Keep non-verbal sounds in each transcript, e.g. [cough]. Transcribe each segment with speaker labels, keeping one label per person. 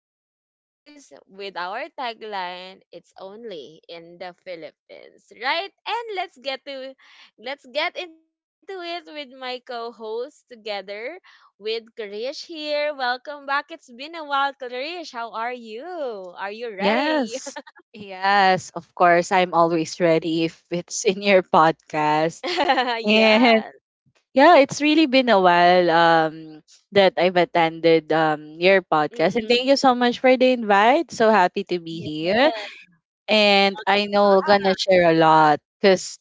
Speaker 1: saying this with our tagline, it's only in the Philippines, right? And let's get into it with my co-host together with Krish here. Welcome back. It's been a while, Krish. How are you? Are you ready?
Speaker 2: Yes. Yes, of course. I'm always ready if it's in your podcast.
Speaker 1: [laughs]
Speaker 2: And
Speaker 1: Yes.
Speaker 2: yeah, it's really been a while that I've attended your podcast. And
Speaker 1: Mm-mm.
Speaker 2: thank you so much for the invite. So happy to be
Speaker 1: Yes.
Speaker 2: here. And I know we're gonna share a lot because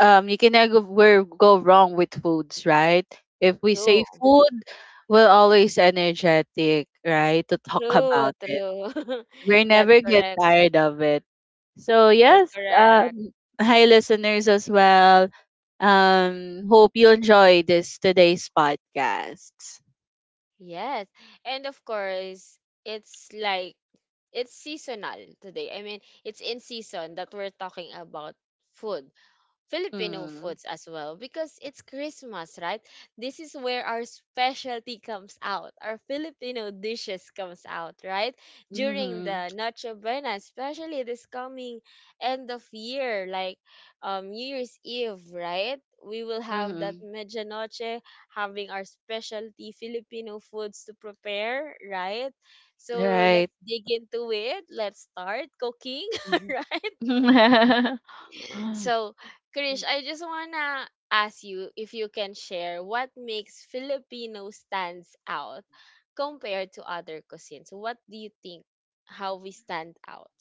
Speaker 2: you cannot go wrong with foods, right? If we say
Speaker 1: True.
Speaker 2: food, we're always energetic, right? To talk [laughs]
Speaker 1: True,
Speaker 2: about it.
Speaker 1: true. [laughs]
Speaker 2: We
Speaker 1: That's
Speaker 2: never get
Speaker 1: correct.
Speaker 2: tired of it. So
Speaker 1: That's
Speaker 2: yes,
Speaker 1: correct.
Speaker 2: hi listeners as well. Hope you enjoy this today's podcast.
Speaker 1: Yes. And of course, it's like it's seasonal today. I mean, it's in season that we're talking about food, Filipino
Speaker 2: Mm,
Speaker 1: foods as well because it's Christmas, right? This is where our specialty comes out. Our Filipino dishes comes out, right? During
Speaker 2: mm-hmm,
Speaker 1: the Noche Buena, especially this coming end of year, like New Year's Eve, right? We will have that
Speaker 2: mm-hmm.
Speaker 1: medianoche having our specialty Filipino foods to prepare, right? So let's
Speaker 2: Right.
Speaker 1: dig into it. Let's start cooking, [laughs] right?
Speaker 2: Mhm. [laughs]
Speaker 1: So, Krish, I just wanna ask you if you can share what makes Filipino stands out compared to other cuisines. What do you think how we stand out?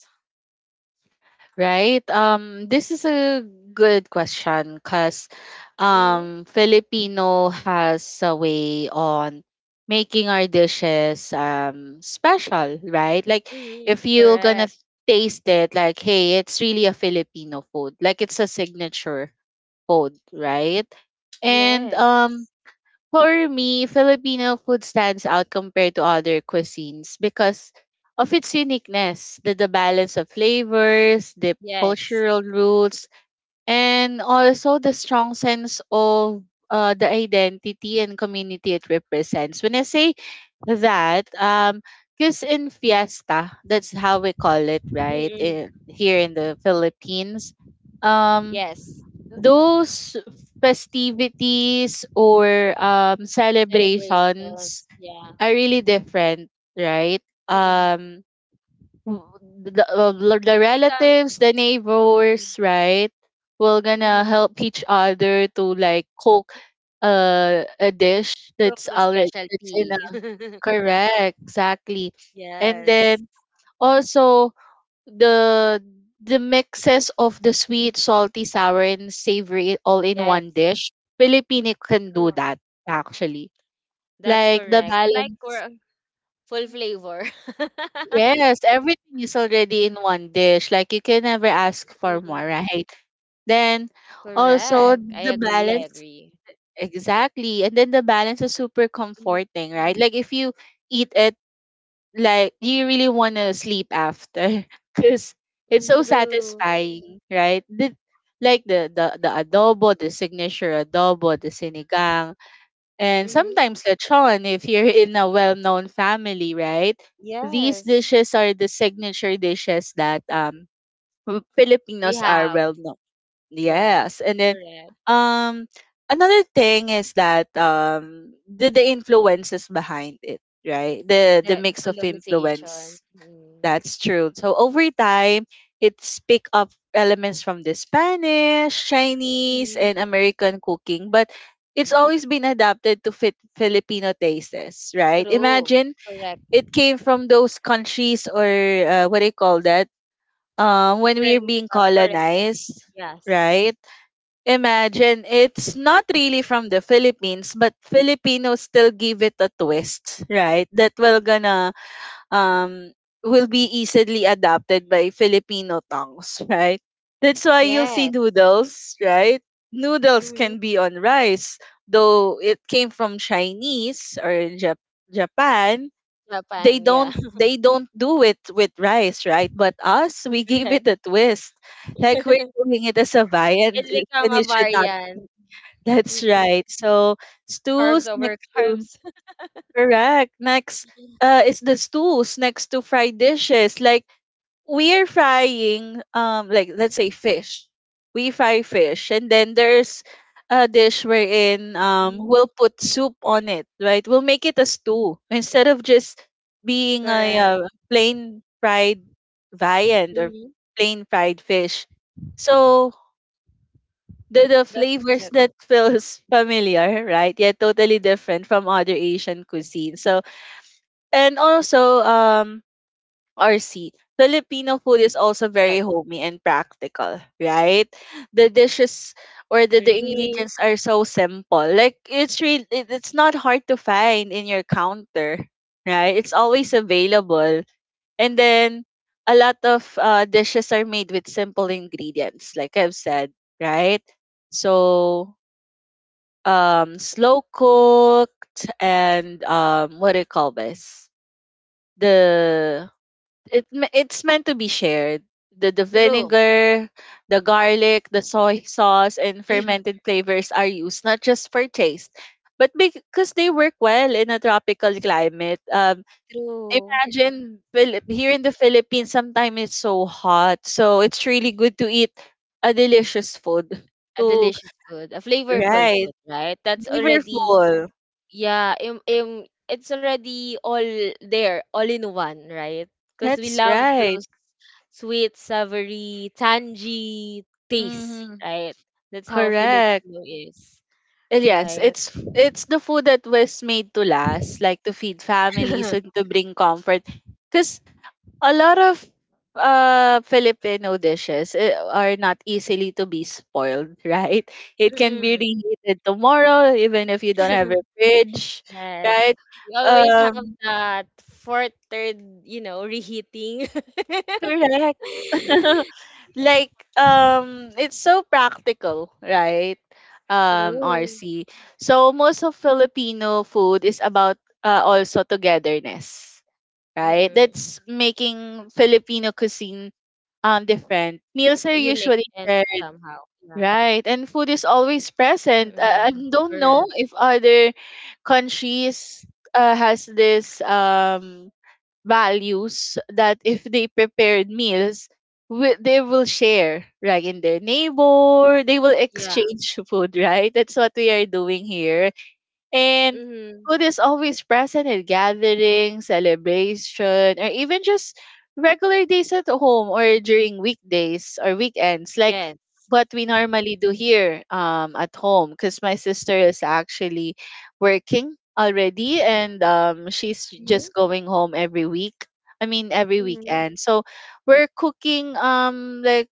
Speaker 2: Right. This is a good question because
Speaker 1: Mm-hmm.
Speaker 2: Filipino has a way on making our dishes special, right? Like
Speaker 1: Mm-hmm.
Speaker 2: if you're
Speaker 1: Correct.
Speaker 2: gonna taste it, like, hey, it's really a Filipino food. Like it's a signature food, right?
Speaker 1: Yes.
Speaker 2: And for me, Filipino food stands out compared to other cuisines because of its uniqueness, the balance of flavors, the
Speaker 1: Yes.
Speaker 2: cultural roots, and also the strong sense of the identity and community it represents. When I say that, because in fiesta, that's how we call it,
Speaker 1: Mm-mm.
Speaker 2: right? Here in the Philippines, um,
Speaker 1: Yes.
Speaker 2: those festivities or
Speaker 1: Celebrations.
Speaker 2: celebrations
Speaker 1: Yeah.
Speaker 2: are really different, right?
Speaker 1: Mm-mm.
Speaker 2: um w- the, uh,
Speaker 1: It
Speaker 2: the
Speaker 1: becomes
Speaker 2: relatives, the neighbors, right, will
Speaker 1: mm-hmm.
Speaker 2: gonna help each other to like cook a dish
Speaker 1: Cook the
Speaker 2: that's already that's in
Speaker 1: specialty.
Speaker 2: a
Speaker 1: [laughs]
Speaker 2: correct, exactly. And
Speaker 1: Yes.
Speaker 2: then also the the mixes of the sweet, salty, sour, and savory all in
Speaker 1: Yes.
Speaker 2: one dish, Filipino can
Speaker 1: True.
Speaker 2: do that actually.
Speaker 1: That's
Speaker 2: Like the
Speaker 1: correct. Like we're
Speaker 2: balance.
Speaker 1: full
Speaker 2: Mhm.
Speaker 1: flavor. [laughs]
Speaker 2: Yes, everything is already in one dish. Like you can never ask for
Speaker 1: Mm.
Speaker 2: more, right? Then
Speaker 1: Correct. I
Speaker 2: also
Speaker 1: agree.
Speaker 2: the
Speaker 1: I agree.
Speaker 2: balance, exactly. And then the balance is super
Speaker 1: Mm.
Speaker 2: comforting, right? Like if you eat it, like, do you really want to sleep after [laughs] because
Speaker 1: Mm.
Speaker 2: it's so
Speaker 1: True.
Speaker 2: satisfying, right? The adobo, the signature adobo, the sinigang, and
Speaker 1: Mm-hmm.
Speaker 2: sometimes lechon if you're [laughs] in a well-known family, right? These
Speaker 1: Yes.
Speaker 2: dishes are the signature dishes that
Speaker 1: We
Speaker 2: filipinos are
Speaker 1: have.
Speaker 2: well known.
Speaker 1: Yes.
Speaker 2: Yes. And then
Speaker 1: Correct.
Speaker 2: um another thing is that the influences behind it, right, the
Speaker 1: The,
Speaker 2: the
Speaker 1: the
Speaker 2: mix of
Speaker 1: colonization.
Speaker 2: influence.
Speaker 1: Mm.
Speaker 2: That's true. So over time, it's pick up elements from the Spanish, Chinese,
Speaker 1: Mm-hmm.
Speaker 2: and American cooking, but it's always been adapted to fit Filipino tastes, right?
Speaker 1: True.
Speaker 2: Imagine
Speaker 1: Correct.
Speaker 2: it came from those countries or what do you call that? When
Speaker 1: Different
Speaker 2: we are being
Speaker 1: foreign countries.
Speaker 2: colonized,
Speaker 1: Yes.
Speaker 2: right? Imagine it's not really from the Philippines, but Filipinos still give it a twist, right? That um, will be easily adapted by Filipino tongues, [laughs] right? That's why you'll
Speaker 1: Yes.
Speaker 2: see noodles, right? Noodles
Speaker 1: Mm-hmm.
Speaker 2: can be on rice, though it came from Chinese or Jap- Japan.
Speaker 1: Japan.
Speaker 2: They
Speaker 1: Yeah.
Speaker 2: don't
Speaker 1: [laughs]
Speaker 2: they don't do it with rice, right? But us, we [laughs] gave
Speaker 1: Correct.
Speaker 2: it a twist. Like we're
Speaker 1: [laughs]
Speaker 2: doing it as a
Speaker 1: It's
Speaker 2: viand,
Speaker 1: become
Speaker 2: and
Speaker 1: a
Speaker 2: it should not.
Speaker 1: variant.
Speaker 2: That's
Speaker 1: Mm-mm.
Speaker 2: right. So
Speaker 1: Carbs
Speaker 2: stews
Speaker 1: over
Speaker 2: next to
Speaker 1: carbs.
Speaker 2: Correct. Next,
Speaker 1: [laughs]
Speaker 2: uh, is the stews next to fried dishes. Like we're frying, like let's say fish. We fry fish, and then there's a dish wherein
Speaker 1: Mhm.
Speaker 2: we'll put soup on it, right? We'll make it a stew instead of just being a
Speaker 1: Correct.
Speaker 2: plain fried viand or
Speaker 1: Mm-hmm.
Speaker 2: plain fried fish. So the
Speaker 1: That's
Speaker 2: flavors
Speaker 1: correct.
Speaker 2: that [laughs] feels familiar, right? Yet totally different from other Asian cuisine. So and also, RC, Filipino food is also
Speaker 1: Yes.
Speaker 2: very homey and practical, right? The dishes or the
Speaker 1: Three.
Speaker 2: ingredients are so simple. Like it's really it's not hard to find in your counter, right? It's always available. And then a lot of dishes are made with simple ingredients, like I've said, right? So slow cooked and what do you call this? The it's meant to be shared. The
Speaker 1: True.
Speaker 2: vinegar, the garlic, the soy [laughs] sauce, and fermented flavors are used not just for taste, but because they work well in a tropical climate.
Speaker 1: True.
Speaker 2: Imagine here in the Philippines, sometimes it's so hot, so it's really good to eat a delicious food.
Speaker 1: A
Speaker 2: To
Speaker 1: delicious food, a flavorful
Speaker 2: Right,
Speaker 1: food, right? That's already,
Speaker 2: flavorful.
Speaker 1: yeah, it's already all there, all in one, right? Because we
Speaker 2: That's
Speaker 1: love
Speaker 2: right.
Speaker 1: those sweet, savory, tangy taste,
Speaker 2: Mm-hmm.
Speaker 1: right? That's how
Speaker 2: Correct.
Speaker 1: Filipino is,
Speaker 2: Well, yes,
Speaker 1: right?
Speaker 2: it's the food that was made to last, like to feed families and
Speaker 1: [laughs]
Speaker 2: to bring comfort. Because a lot of Filipino dishes are not easily to be spoiled, [laughs] right? It can be
Speaker 1: Mm-mm.
Speaker 2: reheated tomorrow, even if you don't have a
Speaker 1: [laughs]
Speaker 2: fridge,
Speaker 1: Yes.
Speaker 2: right?
Speaker 1: We always have
Speaker 2: Um,
Speaker 1: that fourth, third, you know, reheating. [laughs]
Speaker 2: Correct. [laughs]
Speaker 1: [laughs]
Speaker 2: Like it's so practical, right?
Speaker 1: True.
Speaker 2: RC, so most of Filipino food is about, also togetherness, right?
Speaker 1: Mm-mm.
Speaker 2: That's making Filipino cuisine. Different meals are
Speaker 1: Unique
Speaker 2: usually
Speaker 1: and
Speaker 2: shared,
Speaker 1: somehow. Yeah.
Speaker 2: right? And food is always present.
Speaker 1: Mm-mm.
Speaker 2: I don't
Speaker 1: Correct.
Speaker 2: know if other countries, has this values that if they prepared meals, they will share, right, in their neighbor, they will
Speaker 1: Yeah.
Speaker 2: exchange food, right? That's what we are doing here. And
Speaker 1: Mm-hmm.
Speaker 2: food is always present in gatherings, celebration, or even just regular days at home or during weekdays or weekends, like
Speaker 1: Yes.
Speaker 2: what we normally do here, at home. Because my sister is actually working already, and she's
Speaker 1: Mm-hmm.
Speaker 2: just going home every week. I mean, every
Speaker 1: Mm-hmm.
Speaker 2: weekend. So we're cooking like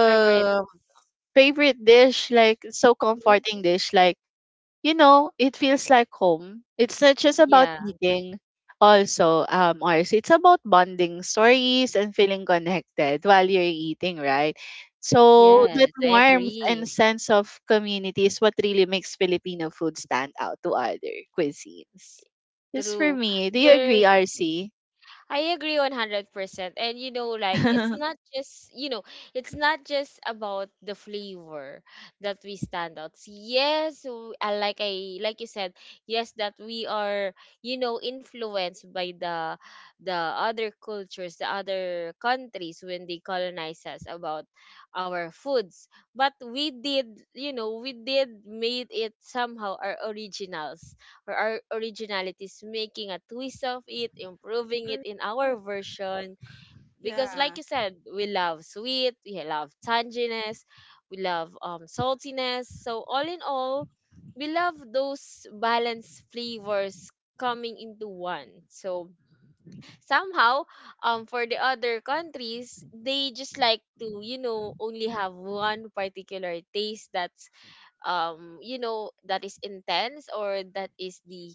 Speaker 1: Favorites.
Speaker 2: favorite dish, like so
Speaker 1: Mm-hmm.
Speaker 2: comforting dish, like, it feels like home. It's not just about
Speaker 1: Yeah.
Speaker 2: eating. Also, ours, it's about bonding stories and feeling connected while you're eating, right? So
Speaker 1: Yes.
Speaker 2: that
Speaker 1: I
Speaker 2: warmth
Speaker 1: agree.
Speaker 2: and sense of community is what really makes Filipino food stand out to other cuisines. Just for
Speaker 1: True.
Speaker 2: me, do you
Speaker 1: There
Speaker 2: agree, RC?
Speaker 1: I agree 100%. And you know,
Speaker 2: [laughs]
Speaker 1: like, it's
Speaker 2: Correct.
Speaker 1: not just, it's not just about the flavor that we stand out. Yes, like I like you said, yes that we are, influenced by the other cultures, the other countries when they colonize us about our foods. But we did, we did made it somehow our originals or our originality is making a twist of it, improving it in our version. Because, like
Speaker 2: Yeah.
Speaker 1: you said, we love sweet, we love tanginess, we love saltiness. So, all in all, we love those balanced flavors coming into one. So, somehow, for the other countries, they just like to, only have one particular taste that's you know that is intense or that is the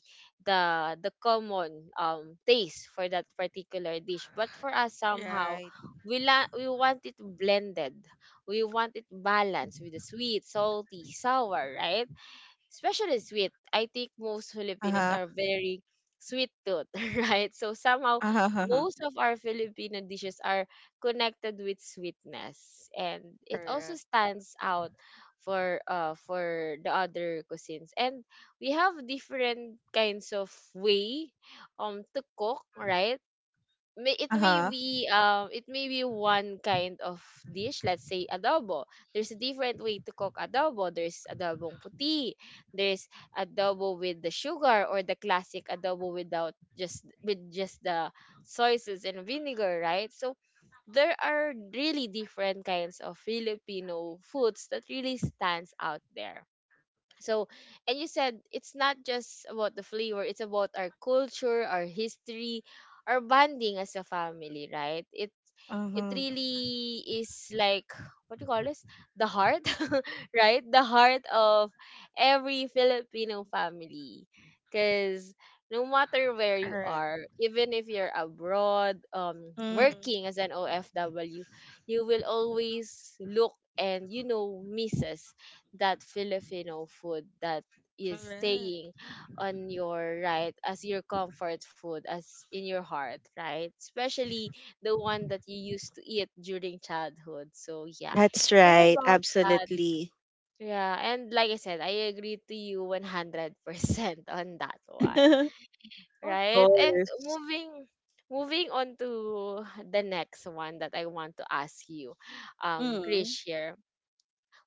Speaker 1: the the common taste for that particular dish, but for us somehow
Speaker 2: Right.
Speaker 1: we want it blended, we want it balanced with the sweet, salty, sour, right? Especially sweet. I think most Filipinos
Speaker 2: Uh-huh.
Speaker 1: are very sweet tooth, [laughs] right? So somehow
Speaker 2: Uh-huh.
Speaker 1: most of our Filipino dishes are connected with sweetness, and it also
Speaker 2: Correct.
Speaker 1: stands out for the other cuisines. And we have different kinds of way to cook, right? may
Speaker 2: Uh-huh.
Speaker 1: it may be one kind of dish, let's say adobo. There's a different way to cook adobo. There's adobong puti. There's adobo with the sugar, or the classic adobo without, just with just the soy sauce and vinegar, right? So there are really different kinds of Filipino foods that really stands out there. So, and you said it's not just about the flavor, it's about our culture, our history, our bonding as a family, right? It
Speaker 2: Uh-huh.
Speaker 1: really is like, what do you call this, the heart, [laughs] right, the heart of every Filipino family. Because no matter where you
Speaker 2: Correct.
Speaker 1: are, even if you're abroad,
Speaker 2: Mm.
Speaker 1: working as an OFW, you will always look and, you know, misses that Filipino food that is
Speaker 2: Correct.
Speaker 1: staying on your right as your comfort food, as in your heart, right? Especially the one that you used to eat during childhood. So yeah,
Speaker 2: That's
Speaker 1: it's all
Speaker 2: right.
Speaker 1: about that.
Speaker 2: Absolutely.
Speaker 1: Yeah, and like I said, I agree to you 100% on that one.
Speaker 2: [laughs] Of
Speaker 1: Right? And
Speaker 2: course.
Speaker 1: moving on to the next one that I want to ask you,
Speaker 2: Mm.
Speaker 1: Krish here.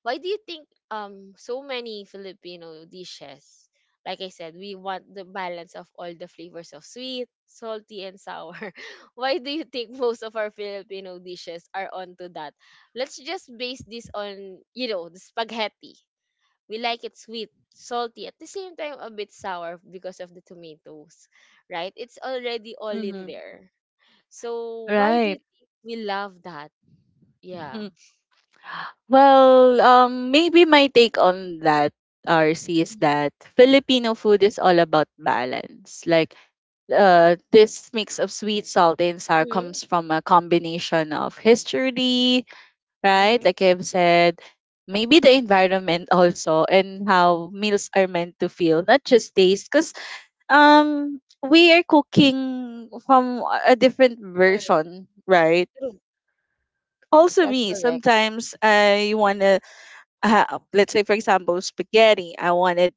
Speaker 1: Why do you think so many Filipino dishes, like I said, we want the balance of all the flavors of sweet, salty, and sour. [laughs] Why do you think most of our Filipino dishes are onto that? Let's just base this on, you know, the spaghetti. We like it sweet, salty, at the same time a bit sour because of the tomatoes, right? It's already all
Speaker 2: Mm-hmm.
Speaker 1: in there. So why do
Speaker 2: Right.
Speaker 1: you think we love that? Yeah.
Speaker 2: Mhm. Well, maybe my take on that, RC, is that Filipino food is all about balance. Like, this mix of sweet, salty, and sour
Speaker 1: Mm-hmm.
Speaker 2: comes from a combination of history, right?
Speaker 1: Mm-hmm.
Speaker 2: Like I've said, maybe the environment [laughs] also and how meals are meant to feel, not just taste. Because we are cooking from a different version, right? Also
Speaker 1: That's
Speaker 2: me,
Speaker 1: correct.
Speaker 2: sometimes I wanna let's say for example spaghetti, I wanted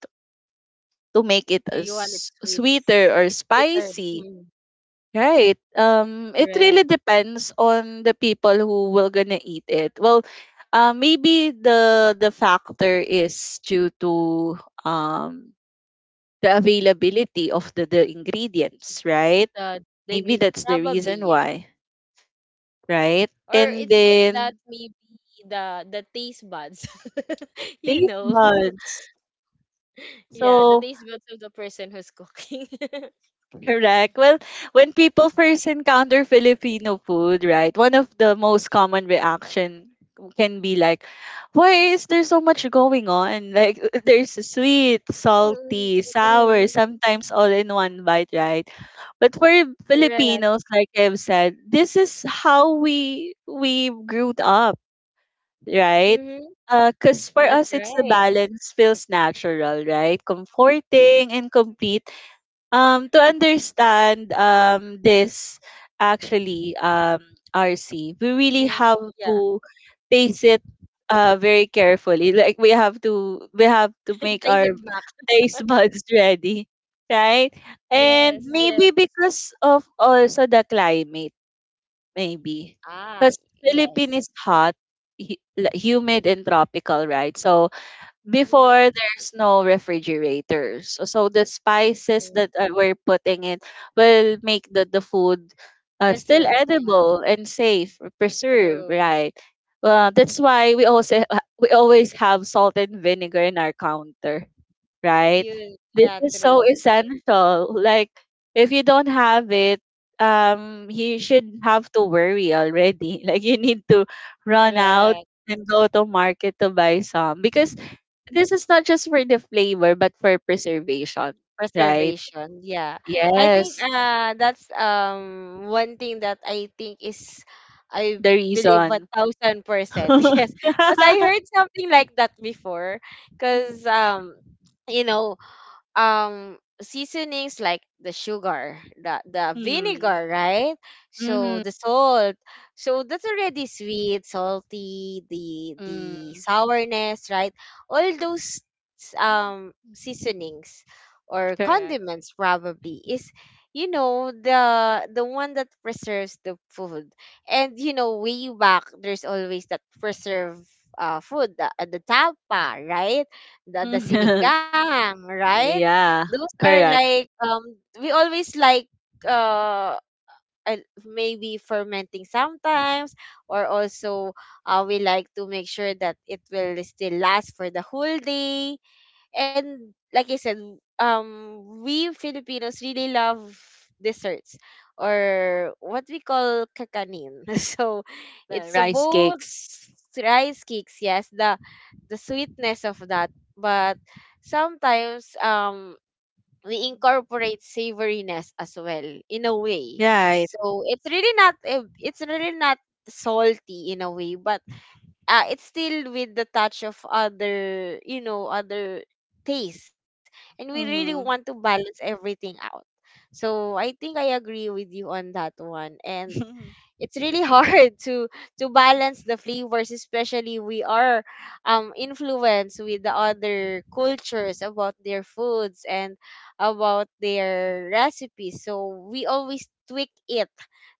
Speaker 2: to make it
Speaker 1: Eh, you want it
Speaker 2: as
Speaker 1: sweet,
Speaker 2: sweeter or
Speaker 1: sweeter.
Speaker 2: spicy.
Speaker 1: Mm,
Speaker 2: Right. It
Speaker 1: correct.
Speaker 2: really depends on the people who will gonna eat it. Well, maybe the factor is due to um the availability of the ingredients, right?
Speaker 1: The
Speaker 2: Maybe
Speaker 1: ingredient
Speaker 2: that's the
Speaker 1: probably,
Speaker 2: reason
Speaker 1: yes,
Speaker 2: why, right?
Speaker 1: or
Speaker 2: And
Speaker 1: it's just that
Speaker 2: then
Speaker 1: maybe the taste buds, [laughs] you
Speaker 2: taste
Speaker 1: know,
Speaker 2: buds.
Speaker 1: [laughs] yeah, the
Speaker 2: So
Speaker 1: taste buds of the person who's cooking. [laughs]
Speaker 2: Correct. Well, when people first encounter Filipino food, right, one of the most common reaction can be like, why is there so much going on? Like, [laughs] there's sweet,
Speaker 1: Mm.
Speaker 2: salty,
Speaker 1: Mm.
Speaker 2: sour,
Speaker 1: Mm,
Speaker 2: sometimes all in one bite, right? But for
Speaker 1: correct.
Speaker 2: Filipinos, like I've said, this is how we grew up, right?
Speaker 1: Mm-hmm.
Speaker 2: Because for
Speaker 1: That's
Speaker 2: us, it's the
Speaker 1: right.
Speaker 2: balance feels natural, right? Comforting and complete to understand this, actually, RC, we really
Speaker 1: Mm-hmm.
Speaker 2: have
Speaker 1: Yeah.
Speaker 2: to taste it very carefully, like we have to we have
Speaker 1: [laughs]
Speaker 2: to make
Speaker 1: Trace
Speaker 2: our
Speaker 1: it back.
Speaker 2: taste buds [laughs] ready, right? And
Speaker 1: Yes. Yes.
Speaker 2: maybe because of also the climate, maybe
Speaker 1: Ah.
Speaker 2: because
Speaker 1: Yes.
Speaker 2: Philippines is hot, like, humid and tropical, right? So before
Speaker 1: Mm-hmm.
Speaker 2: there's no refrigerators, so the spices
Speaker 1: Mm-hmm.
Speaker 2: that we're putting in will make the food still
Speaker 1: Preserve. Yeah.
Speaker 2: edible and safe or preserved,
Speaker 1: True.
Speaker 2: right? That's why we always have salt and vinegar in our counter, right?
Speaker 1: You.
Speaker 2: This
Speaker 1: Yeah.
Speaker 2: is so
Speaker 1: True.
Speaker 2: essential, like if you don't have it, you should have to worry already. [laughs] Like you need to run out
Speaker 1: Correct.
Speaker 2: and go to market to buy some because this is not just for the flavor, but for preservation, right?
Speaker 1: Preservation, yeah. I think
Speaker 2: Yes,
Speaker 1: that's one thing that I think is I
Speaker 2: the
Speaker 1: believe one
Speaker 2: reason.
Speaker 1: thousand percent.
Speaker 2: [laughs]
Speaker 1: [laughs] Yes. Because I heard something like that before. Cause you know seasonings like the sugar, the
Speaker 2: Mm.
Speaker 1: vinegar, right? So
Speaker 2: Mm-hmm.
Speaker 1: the salt. So that's already sweet, salty, the
Speaker 2: Mm.
Speaker 1: sourness, right? All those seasonings or
Speaker 2: Correct.
Speaker 1: condiments probably is, you know, the one that preserves the food. And, you know, way back there's always that preserve food, the tapa, right? The
Speaker 2: [laughs]
Speaker 1: sinigang, right?
Speaker 2: Yeah,
Speaker 1: Those are
Speaker 2: correct.
Speaker 1: like we always like uh uh, maybe fermenting sometimes, or also we like to make sure that it will still last for the whole day. And like I said, we Filipinos really love desserts, or what we call kakanin. [laughs] So
Speaker 2: The
Speaker 1: it's
Speaker 2: rice
Speaker 1: about
Speaker 2: cakes.
Speaker 1: rice cakes, yes, the sweetness of that. But sometimes we incorporate savoriness as well in a way.
Speaker 2: Right.
Speaker 1: So it's really not, it's really not salty in a way, but it's still with the touch of other, you know, other taste, and we really want to
Speaker 2: Mm-hmm.
Speaker 1: balance everything out. So I think I agree with you on that one, and
Speaker 2: [laughs]
Speaker 1: it's really [laughs] hard to balance the flavors, especially we are influenced with the other cultures about their foods and about their recipes, so we always tweak it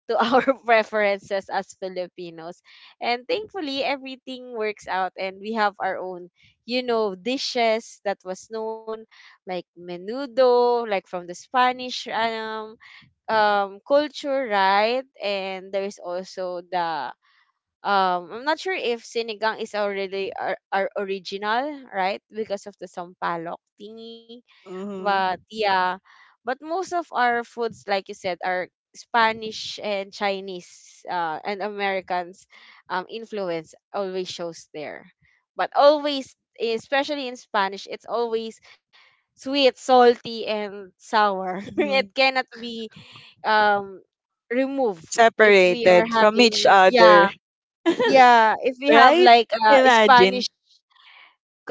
Speaker 1: to [laughs] our preferences as Filipinos, and thankfully everything works out and we have our own, you know, dishes that was known, like menudo, like from the Spanish culture, right? And there's also the I'm not sure if sinigang is already, are original, right? Because of the sampalok thingy.
Speaker 2: Mm-hmm.
Speaker 1: But yeah, but most of our foods, like you said, are Spanish and Chinese, and Americans influence always shows there. But always, especially in Spanish, it's always sweet, salty, and sour. [laughs]
Speaker 2: hmm
Speaker 1: It cannot be um remove if we are
Speaker 2: Separated from each
Speaker 1: having, yeah,
Speaker 2: other. [laughs]
Speaker 1: yeah, if we have
Speaker 2: Right?
Speaker 1: like
Speaker 2: Imagine.
Speaker 1: Spanish,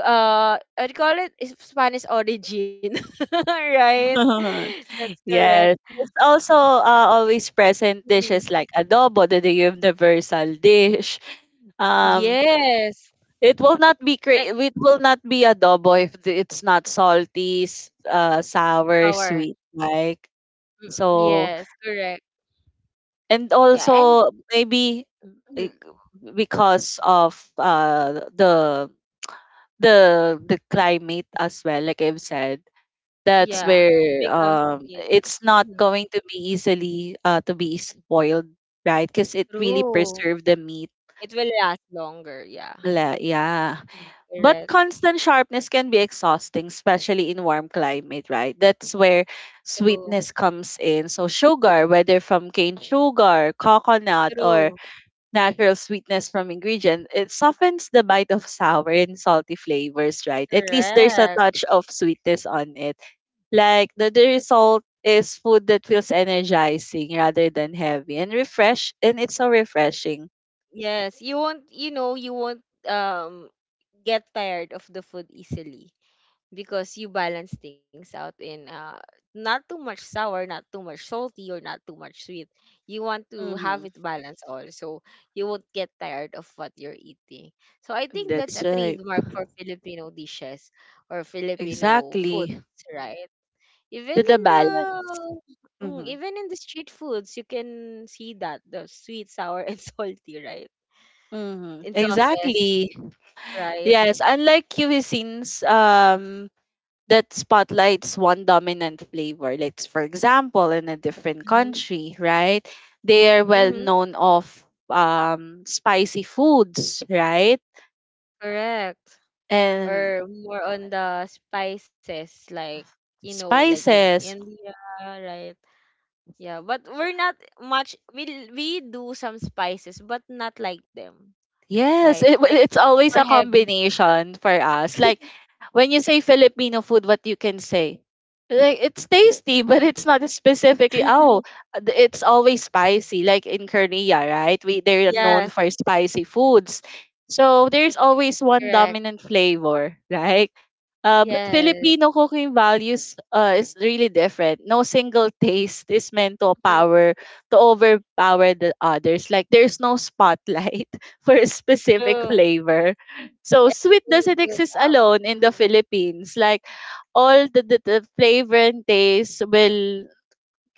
Speaker 1: I do call it Spanish origin. [laughs] Right?
Speaker 2: [laughs]
Speaker 1: That's correct.
Speaker 2: Yes. It's also always present
Speaker 1: Mm.
Speaker 2: dishes like adobo, the universal dish. Um,
Speaker 1: Yes.
Speaker 2: it will not be cre-
Speaker 1: Like
Speaker 2: it will not be adobo if it's not salty, sour,
Speaker 1: sour,
Speaker 2: sweet like. So
Speaker 1: yes, correct,
Speaker 2: and
Speaker 1: yeah. And
Speaker 2: also maybe
Speaker 1: mhm,
Speaker 2: eh, because of the climate as well, like I've said. That's
Speaker 1: yeah, it
Speaker 2: where
Speaker 1: becomes beer.
Speaker 2: it's not
Speaker 1: Mhm.
Speaker 2: going to be easily to be spoiled, right? Because it really
Speaker 1: True.
Speaker 2: preserve the meat.
Speaker 1: It will last longer, yeah.
Speaker 2: Yeah. But
Speaker 1: Correct.
Speaker 2: constant sharpness can be exhausting, especially in warm climate, right? That's where
Speaker 1: True.
Speaker 2: sweetness comes in. So sugar, whether from cane sugar, coconut, or
Speaker 1: True.
Speaker 2: natural sweetness from ingredient, it softens the bite of sour and salty flavors, right? At least there's a
Speaker 1: Correct.
Speaker 2: touch of sweetness on it. Like the result is food that feels energizing rather than heavy and refresh and it's so refreshing.
Speaker 1: Yes, you won't, you know, you won't get tired of the food easily because you balance things out in not too much sour, not too much salty, or not too much sweet. You want to have
Speaker 2: Mm-hmm.
Speaker 1: it balanced all, so you won't get tired of what you're eating. So I think that's
Speaker 2: That's
Speaker 1: a
Speaker 2: right.
Speaker 1: trademark for Filipino dishes or Filipino foods,
Speaker 2: Exactly.
Speaker 1: right? Even
Speaker 2: The
Speaker 1: in the
Speaker 2: balance. Mm-hmm.
Speaker 1: Even in the street foods, you can see that the sweet, sour, and [laughs] salty, right?
Speaker 2: Mm-hmm.
Speaker 1: In sauces,
Speaker 2: Exactly.
Speaker 1: right?
Speaker 2: Yes, unlike cuisines that spotlights one dominant flavor, like for example in a different
Speaker 1: Mm-hmm.
Speaker 2: country, right? They are well
Speaker 1: Mm-hmm.
Speaker 2: known of spicy foods, right?
Speaker 1: Correct.
Speaker 2: And
Speaker 1: Or more on the spices, like, like in
Speaker 2: spices.
Speaker 1: India, right? Yeah, but we're not much. We do some spices, but not like them,
Speaker 2: Yes,
Speaker 1: right? Like
Speaker 2: it's always a
Speaker 1: super heavy.
Speaker 2: combination for us. Like when you say Filipino food, what you can say? Like it's tasty, but it's not specifically. Oh,
Speaker 1: [laughs]
Speaker 2: it's always spicy. Like in Korea, right? We they're known
Speaker 1: Yes,
Speaker 2: for spicy foods, so there's always one
Speaker 1: correct.
Speaker 2: dominant flavor, right? But
Speaker 1: Yes,
Speaker 2: Filipino cooking values is really different. No single taste is meant to
Speaker 1: mhm,
Speaker 2: power to overpower the others. Like there's no spotlight for a specific
Speaker 1: true.
Speaker 2: flavor. So sweet doesn't
Speaker 1: Everything blows
Speaker 2: exist
Speaker 1: up.
Speaker 2: alone in the
Speaker 1: Mhm.
Speaker 2: Philippines. Like all the flavor and taste will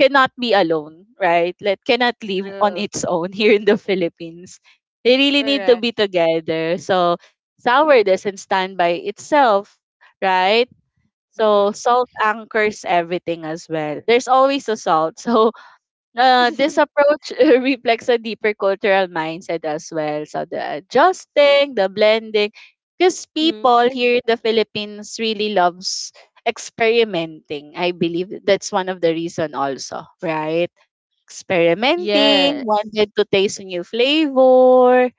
Speaker 2: cannot be alone, right? Like cannot live on
Speaker 1: True.
Speaker 2: its own [laughs] here in the Philippines. They really need to
Speaker 1: Correct.
Speaker 2: be together. So sour doesn't stand by itself, right? So
Speaker 1: Mm-hmm.
Speaker 2: salt anchors everything as well. There's always a salt. [laughs] So this approach [laughs] reflects a deeper cultural mindset as well. So the adjusting, the blending, because
Speaker 1: Hmm. [laughs]
Speaker 2: people here in the Philippines really loves experimenting. I believe that's one of the reason also, right?
Speaker 1: Yeah,
Speaker 2: Experimenting, wanted to taste a new flavor,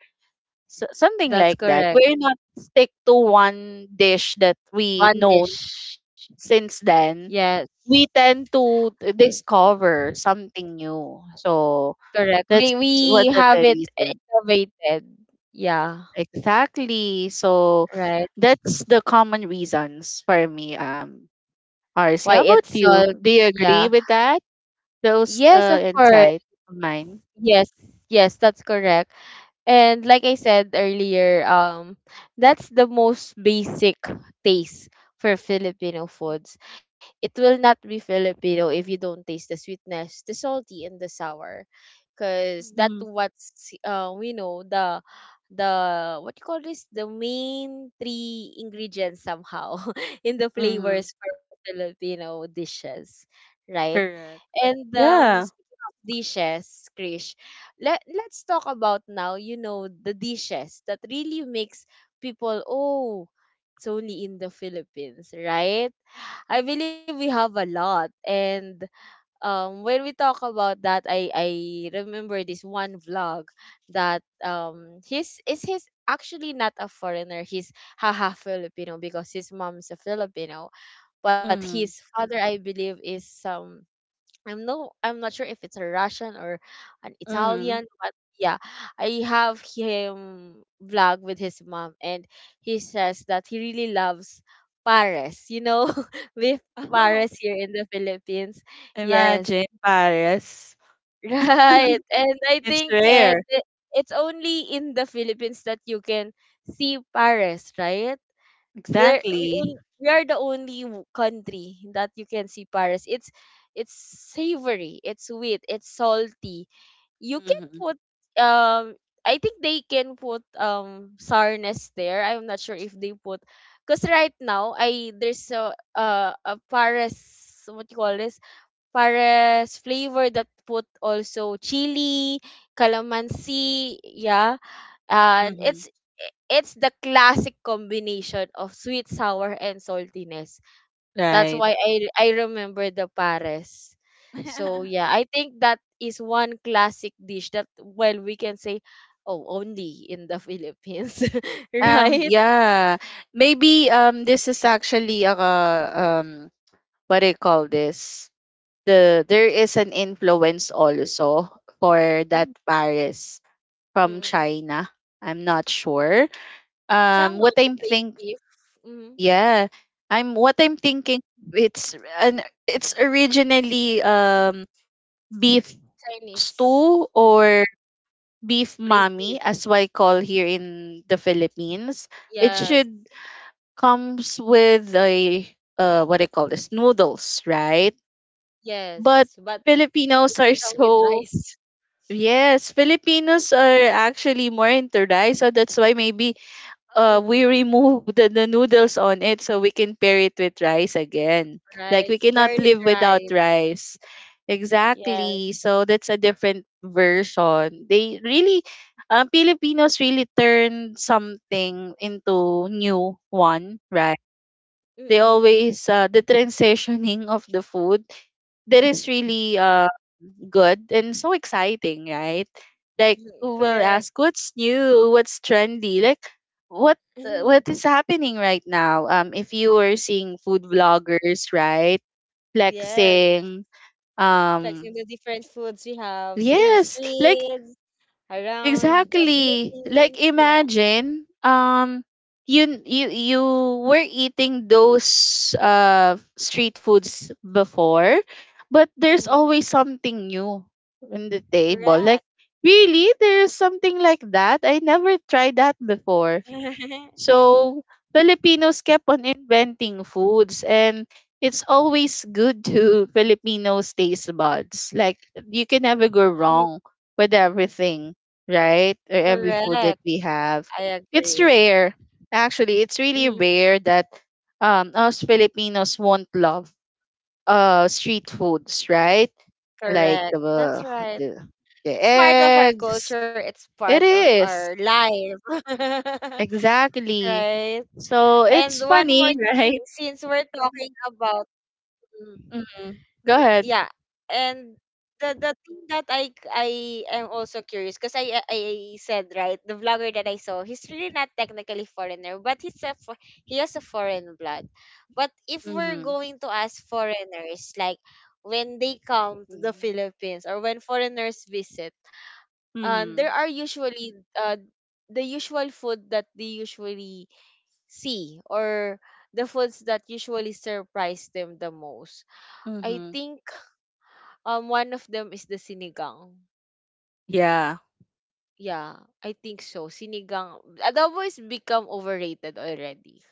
Speaker 2: so, something
Speaker 1: that's
Speaker 2: like that.
Speaker 1: correct.
Speaker 2: We're not stick to one dish that we
Speaker 1: One
Speaker 2: know
Speaker 1: dish.
Speaker 2: since then.
Speaker 1: Yes.
Speaker 2: We tend to discover something new. So
Speaker 1: Correct.
Speaker 2: that's
Speaker 1: We
Speaker 2: what
Speaker 1: have
Speaker 2: the
Speaker 1: it
Speaker 2: reason.
Speaker 1: innovated. Yeah.
Speaker 2: Exactly. So
Speaker 1: Right.
Speaker 2: that's the common reasons for me, RC.
Speaker 1: Why
Speaker 2: How about
Speaker 1: it's all
Speaker 2: you? Do you
Speaker 1: yeah.
Speaker 2: agree with that? Those
Speaker 1: Yes, of course.
Speaker 2: insights of mine?
Speaker 1: Yes. Yes, that's correct. And like I said earlier, that's the most basic taste for Filipino foods. It will not be Filipino if you don't taste the sweetness, the salty and the sour. Because that
Speaker 2: Mm-hmm.
Speaker 1: what's we know the what you call this, the main three ingredients somehow [laughs] in the
Speaker 2: Mm-hmm.
Speaker 1: flavors for Filipino dishes, right?
Speaker 2: Correct.
Speaker 1: And
Speaker 2: Yeah.
Speaker 1: speaking of dishes, Krish, let's talk about now. You know, the dishes that really makes people oh. It's only in the Philippines, right? I believe we have a lot, and when we talk about that I remember this one vlog that his is his actually not a foreigner, he's haha Filipino because his mom's a Filipino, but his
Speaker 2: Mm-hmm.
Speaker 1: father I believe is some, I'm no I'm not sure if it's a Russian or an
Speaker 2: Mm-hmm.
Speaker 1: Italian, but yeah, I have him vlog with his mom and he says that he really loves Paris, you know, [laughs] beef Paris here in the Philippines.
Speaker 2: [laughs]
Speaker 1: Yes.
Speaker 2: Imagine Paris.
Speaker 1: [laughs] Right.
Speaker 2: [laughs]
Speaker 1: And I
Speaker 2: It's
Speaker 1: think
Speaker 2: rare.
Speaker 1: it's only in the Philippines that you can see Paris, right? There we,
Speaker 2: Exactly.
Speaker 1: on- we are the only w- country that you can see Paris. It's savory, it's sweet, it's salty. You can
Speaker 2: Mm-hmm.
Speaker 1: put um I think they can put sourness there. I'm not sure if they put because right now I there's a, a Paris, what you call this, Pares flavor that put also chili, calamansi, yeah. And
Speaker 2: Mm-hmm.
Speaker 1: it's the classic combination of sweet, sour, and saltiness. That's
Speaker 2: Right.
Speaker 1: why I remember the pares. So yeah,
Speaker 2: [laughs]
Speaker 1: I think that is one classic dish that well we can say oh only in the Philippines, [laughs] right?
Speaker 2: Yeah. Maybe this is actually a what do you call this? There is an influence also for that Paris from
Speaker 1: Mm-mm.
Speaker 2: China. I'm not sure. Um,
Speaker 1: Somehow
Speaker 2: what
Speaker 1: the
Speaker 2: I'm
Speaker 1: braised
Speaker 2: think,
Speaker 1: beef, mm
Speaker 2: yeah, what I'm thinking. It's originally beef
Speaker 1: Chinese
Speaker 2: stew or beef
Speaker 1: braised
Speaker 2: mami
Speaker 1: beef.
Speaker 2: as what I call here in the Philippines. It
Speaker 1: Yes.
Speaker 2: should comes with a what I call this noodles, right?
Speaker 1: Yes,
Speaker 2: But
Speaker 1: but it
Speaker 2: Filipinos are [laughs]
Speaker 1: become with
Speaker 2: so
Speaker 1: rice.
Speaker 2: yes, Filipinos are actually more into rice, so that's why maybe
Speaker 1: [laughs]
Speaker 2: we
Speaker 1: Mm-mm.
Speaker 2: remove [laughs] the noodles on it so we can pair it with rice again. Like
Speaker 1: Rice,
Speaker 2: we cannot
Speaker 1: garlic
Speaker 2: live
Speaker 1: rice.
Speaker 2: without rice.
Speaker 1: Yes.
Speaker 2: Exactly. So that's a different version. They really Filipinos really turn something into new one, right? They
Speaker 1: Mm-mm. [laughs]
Speaker 2: always the transitioning of the food that is really good and so exciting, right? Like we'll
Speaker 1: Correct.
Speaker 2: ask what's new, what's trendy, like what what
Speaker 1: [laughs]
Speaker 2: is happening right now? If you were seeing food vloggers, right,
Speaker 1: Yes.
Speaker 2: flexing,
Speaker 1: Flexing
Speaker 2: um,
Speaker 1: the different foods we have s- in the
Speaker 2: yes, like
Speaker 1: streets, around the
Speaker 2: exactly. Like
Speaker 1: Philippines. Yeah.
Speaker 2: imagine you were eating those street foods before, but there's
Speaker 1: Mm-hmm.
Speaker 2: always something new in the table.
Speaker 1: Correct.
Speaker 2: Like really there's something like that? I never tried that before.
Speaker 1: [laughs]
Speaker 2: So Filipinos kept on inventing foods, and it's always good to [laughs] Filipinos taste buds. Like you can never go
Speaker 1: Mhm.
Speaker 2: wrong with everything, right? Or every food that
Speaker 1: Correct.
Speaker 2: we have.
Speaker 1: I
Speaker 2: It's
Speaker 1: agree.
Speaker 2: rare. Actually, it's really
Speaker 1: Mhm.
Speaker 2: rare that us Filipinos won't love street foods, right? Like
Speaker 1: Correct. That's right.
Speaker 2: the, the
Speaker 1: It's part of our
Speaker 2: eggs.
Speaker 1: culture. It's part
Speaker 2: It
Speaker 1: of our
Speaker 2: is.
Speaker 1: life. [laughs]
Speaker 2: Exactly.
Speaker 1: Right?
Speaker 2: So
Speaker 1: And
Speaker 2: it's
Speaker 1: one more
Speaker 2: funny, [laughs]
Speaker 1: thing,
Speaker 2: right?
Speaker 1: since we're talking about mm,
Speaker 2: Mm-hmm. Go
Speaker 1: y-
Speaker 2: ahead.
Speaker 1: yeah, and the thing that I am also curious because I said right the vlogger that I saw he's really not technically foreigner but he's a fo- he has a foreign blood. But if we're
Speaker 2: Mhm.
Speaker 1: going to ask foreigners, like when they come to the
Speaker 2: Mhm.
Speaker 1: Philippines or when foreigners visit, there
Speaker 2: Mhm.
Speaker 1: are usually uh the usual food that they usually see, or the foods that usually surprise them the most. I
Speaker 2: Mhm.
Speaker 1: think one of them is the sinigang.
Speaker 2: Yeah.
Speaker 1: Yeah, I think so. Sinigang adobo is become overrated already.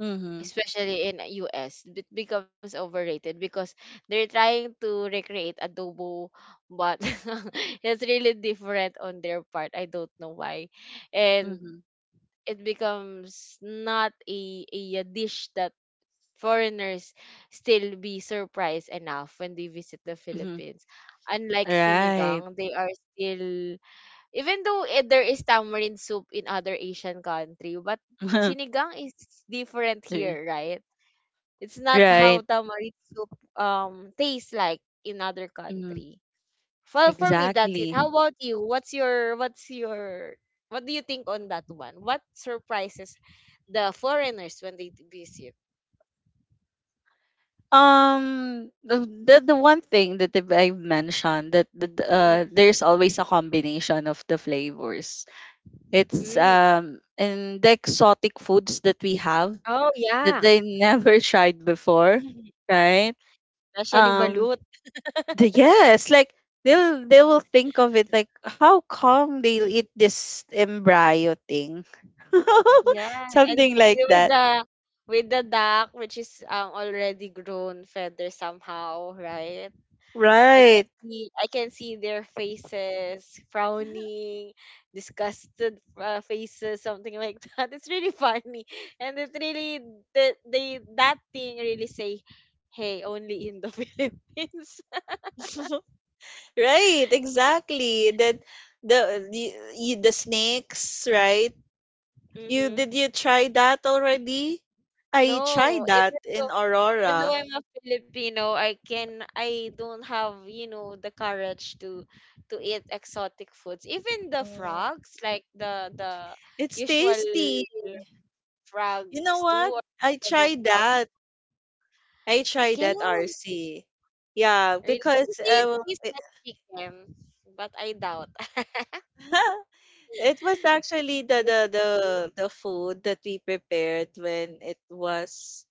Speaker 2: Mhm.
Speaker 1: Especially in US, it becomes overrated because they're trying to recreate adobo, but [laughs] it's really different on their part. I don't know why, and
Speaker 2: Mhm.
Speaker 1: it becomes not a dish that foreigners still be surprised enough when they visit the
Speaker 2: Mhm.
Speaker 1: Philippines. Unlike
Speaker 2: Right.
Speaker 1: sinigang, they are still even though eh, there is tamarind soup in other Asian country, but
Speaker 2: [laughs]
Speaker 1: sinigang is different here, right? It's not how
Speaker 2: Right.
Speaker 1: tamarind soup tastes like in other
Speaker 2: Mhm.
Speaker 1: country. Well, for me, that's it.
Speaker 2: Exactly.
Speaker 1: How about you? What's your what do you think on that one? What surprises the foreigners when they visit?
Speaker 2: The the one thing that I've mentioned that, that
Speaker 1: Mhm.
Speaker 2: there's always a combination of the flavors. It's
Speaker 1: Mm.
Speaker 2: and the exotic foods that we have
Speaker 1: Oh,
Speaker 2: that
Speaker 1: yeah.
Speaker 2: they never [laughs] tried before,
Speaker 1: Mhm.
Speaker 2: right?
Speaker 1: Especially balut.
Speaker 2: Um the, yes, like they'll they will think of it like how come they'll
Speaker 1: Mm,
Speaker 2: eat this embryo thing [laughs]
Speaker 1: yeah, and
Speaker 2: something like
Speaker 1: the- with
Speaker 2: that,
Speaker 1: the with the duck, which is already grown feather somehow, right? I can
Speaker 2: right?
Speaker 1: see I can see their faces frowning, disgusted faces, something like [laughs] that. It's really funny, and it really the they that thing really say, "Hey, only in the [laughs] Philippines."
Speaker 2: [laughs] Right, exactly that the the, y- the snakes, right?
Speaker 1: [laughs]
Speaker 2: You
Speaker 1: mm-hmm.
Speaker 2: did you try that already? I
Speaker 1: No,
Speaker 2: tried that in
Speaker 1: even though
Speaker 2: Aurora.
Speaker 1: I'm a Filipino, I can I don't have, you know, the courage to eat exotic foods. Even the
Speaker 2: Mm.
Speaker 1: frogs, like the
Speaker 2: It's
Speaker 1: usual
Speaker 2: tasty. You know
Speaker 1: frogs too,
Speaker 2: what,
Speaker 1: or
Speaker 2: I
Speaker 1: adobo
Speaker 2: tried
Speaker 1: frog.
Speaker 2: that. I
Speaker 1: I
Speaker 2: tried
Speaker 1: can
Speaker 2: that, RC. Yeah,
Speaker 1: really
Speaker 2: because
Speaker 1: it tastes
Speaker 2: it,
Speaker 1: like chicken, but I doubt. [laughs]
Speaker 2: [laughs] it was actually the,
Speaker 1: Is
Speaker 2: the
Speaker 1: it
Speaker 2: the
Speaker 1: true?
Speaker 2: the food that we prepared when it was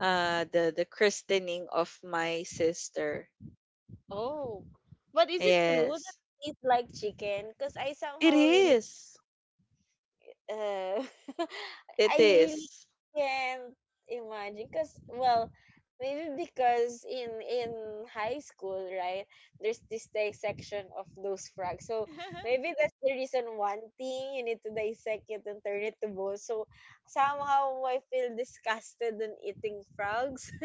Speaker 2: the christening of my sister.
Speaker 1: Oh, but is it true that
Speaker 2: Yes.
Speaker 1: it tastes like chicken? Because I
Speaker 2: It
Speaker 1: somehow really
Speaker 2: is.
Speaker 1: uh, [laughs]
Speaker 2: It
Speaker 1: I really
Speaker 2: is.
Speaker 1: can't imagine because well maybe because in high school, right, there's this dissection of those frogs, so
Speaker 2: [laughs]
Speaker 1: maybe that's the reason. One thing, you need to dissect it and turn it to bones, so somehow I feel disgusted in eating frogs.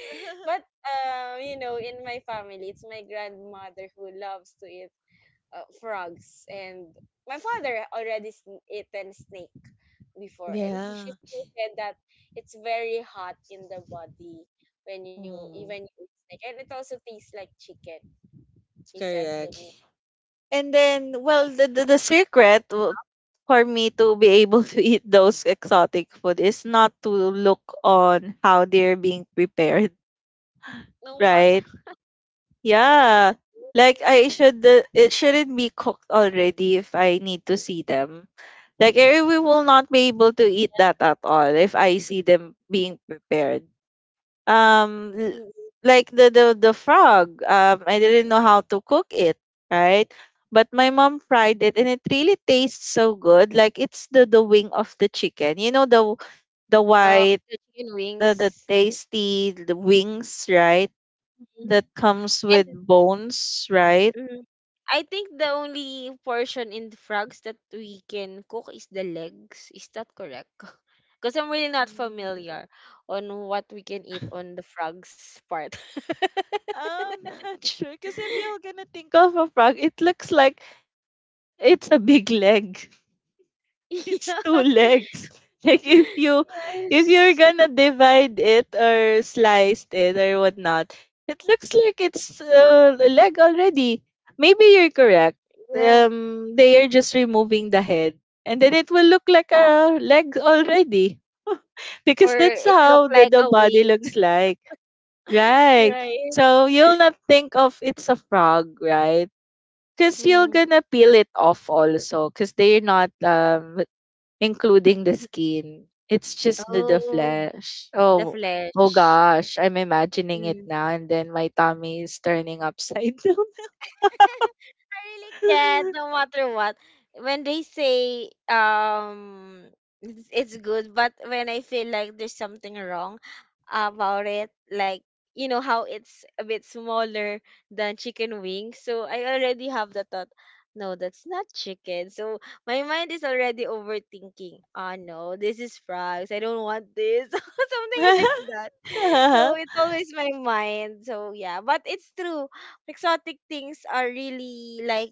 Speaker 1: [laughs] but you know, in my family it's my grandmother who loves to eat frogs, and my father already sn- eaten snake before and he she
Speaker 2: Yeah.
Speaker 1: still said that it's very hot in the body when you even
Speaker 2: Mm,
Speaker 1: eat snake, and it also tastes like chicken, he said to
Speaker 2: correct.
Speaker 1: me.
Speaker 2: And then, well, the secret for me to be able to eat those exotic food is not to look on how they're being prepared,
Speaker 1: No matter.
Speaker 2: right?
Speaker 1: [laughs]
Speaker 2: Yeah. Like I should it shouldn't be cooked already if I need to see them. Like I we will not be able to eat that at all if I see them being prepared um l-
Speaker 1: Mm.
Speaker 2: like the frog I didn't know how to cook it, right? But my mom fried it and it really tastes so good, like it's the wing of the chicken, you know, the
Speaker 1: Oh,
Speaker 2: white
Speaker 1: the chicken
Speaker 2: the
Speaker 1: wings.
Speaker 2: tasty the wings, right,
Speaker 1: Mhm.
Speaker 2: that comes
Speaker 1: And
Speaker 2: with bones, right?
Speaker 1: Mm. I think the only portion in the frogs that we can cook is the legs. Is that correct? [laughs] Because I'm really not
Speaker 2: Mm.
Speaker 1: familiar on what we can eat on the frogs part. [laughs]
Speaker 2: I'm [laughs] not sure, because if you're gonna think of a frog, it looks like it's a big leg. It's two
Speaker 1: yeah.
Speaker 2: legs. [laughs] Like if you if you're
Speaker 1: Yes.
Speaker 2: gonna divide it or slice it or whatnot, it looks like it's a leg already. Maybe you're correct.
Speaker 1: Yeah.
Speaker 2: They are just removing the head, and then it will look like a leg already [laughs]
Speaker 1: Or
Speaker 2: because that's
Speaker 1: it
Speaker 2: how
Speaker 1: looked like
Speaker 2: the
Speaker 1: a
Speaker 2: body
Speaker 1: wing.
Speaker 2: looks
Speaker 1: [laughs]
Speaker 2: like, right?
Speaker 1: Right.
Speaker 2: So you'll not think of it's a frog, right? Because you're
Speaker 1: Mm.
Speaker 2: gonna peel it off also, because they're not including the skin. It's just the
Speaker 1: Oh,
Speaker 2: flesh.
Speaker 1: the
Speaker 2: Oh, oh
Speaker 1: flesh.
Speaker 2: gosh, I'm imagining it
Speaker 1: Mm.
Speaker 2: now, and then my tummy is turning upside down.
Speaker 1: I really can't, no matter what. When they say it's good, but when I feel like there's something wrong about it, like you know how it's a bit smaller than chicken wings, so I already have the thought, no, that's not chicken. So my mind is already overthinking. Ah, no, this is frogs. I don't want this, [laughs] something like that. So
Speaker 2: [laughs]
Speaker 1: it's always my mind. So yeah, but it's true. Exotic things are really like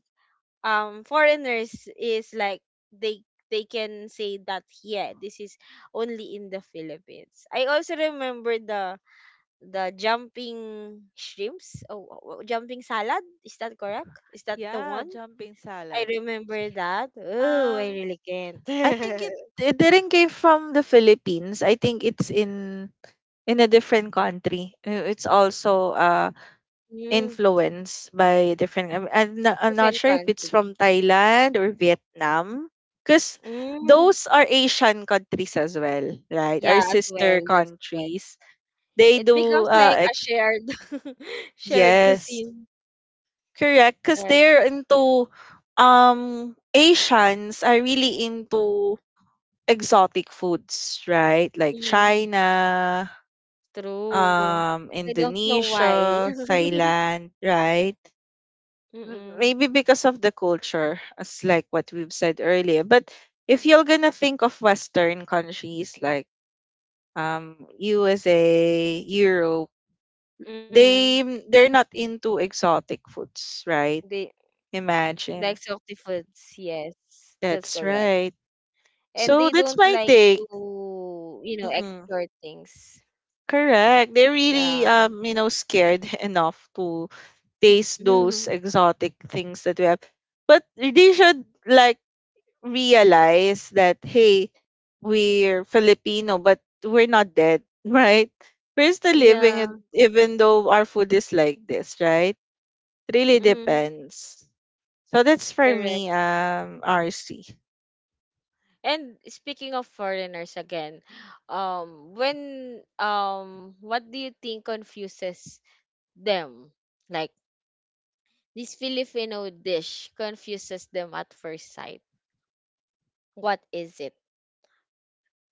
Speaker 1: foreigners is like they they can say that yeah, this is only in the Philippines. I also remember the jumping shrimps. Oh, oh, oh, jumping salad. Is that correct? Is that the
Speaker 2: Yeah,
Speaker 1: one?
Speaker 2: jumping
Speaker 1: I
Speaker 2: salad.
Speaker 1: remember that. Oh, I
Speaker 2: Um,
Speaker 1: really can't.
Speaker 2: I think it it didn't came from the Philippines. I think it's in a different country. It's also
Speaker 1: [laughs] mm,
Speaker 2: influenced by different I'm not
Speaker 1: different
Speaker 2: sure if it's
Speaker 1: country.
Speaker 2: from Thailand or Vietnam, because
Speaker 1: Mm,
Speaker 2: those are Asian countries as well, right, our
Speaker 1: yeah, as
Speaker 2: sister
Speaker 1: well. That's correct.
Speaker 2: countries. They
Speaker 1: It
Speaker 2: do
Speaker 1: becomes like a shared [laughs] shared
Speaker 2: yes,
Speaker 1: cuisine,
Speaker 2: correct, because
Speaker 1: right?
Speaker 2: they're into Asians are really into exotic foods, right, like
Speaker 1: Mm,
Speaker 2: China,
Speaker 1: true. I don't know why.
Speaker 2: Indonesia,
Speaker 1: [laughs]
Speaker 2: Thailand, right?
Speaker 1: Mm-mm.
Speaker 2: Maybe because of the culture, as like what we've said earlier. But if you're gonna think of Western countries like USA, Europe,
Speaker 1: Mm-hmm.
Speaker 2: they they're not into exotic foods,
Speaker 1: They
Speaker 2: right?
Speaker 1: like
Speaker 2: Imagine.
Speaker 1: salty foods, yes. That's
Speaker 2: That's
Speaker 1: correct.
Speaker 2: right.
Speaker 1: And they
Speaker 2: So
Speaker 1: don't
Speaker 2: that's my
Speaker 1: like
Speaker 2: take.
Speaker 1: to, you know,
Speaker 2: Hmm.
Speaker 1: explore things.
Speaker 2: Correct. They're
Speaker 1: Yeah.
Speaker 2: really you know, scared [laughs] enough to taste
Speaker 1: Mhm. [laughs]
Speaker 2: those exotic things that we have. But they should like realize that hey, we're Filipino, but we're not dead, [laughs] right? We're still living, it,
Speaker 1: Yeah.
Speaker 2: even though our food is like this, right? It really
Speaker 1: Mm-hmm.
Speaker 2: depends. So that's for
Speaker 1: Correct.
Speaker 2: me, RC.
Speaker 1: And speaking of foreigners again, when what do you think confuses them? Like, this Filipino dish confuses them at first sight. What is it?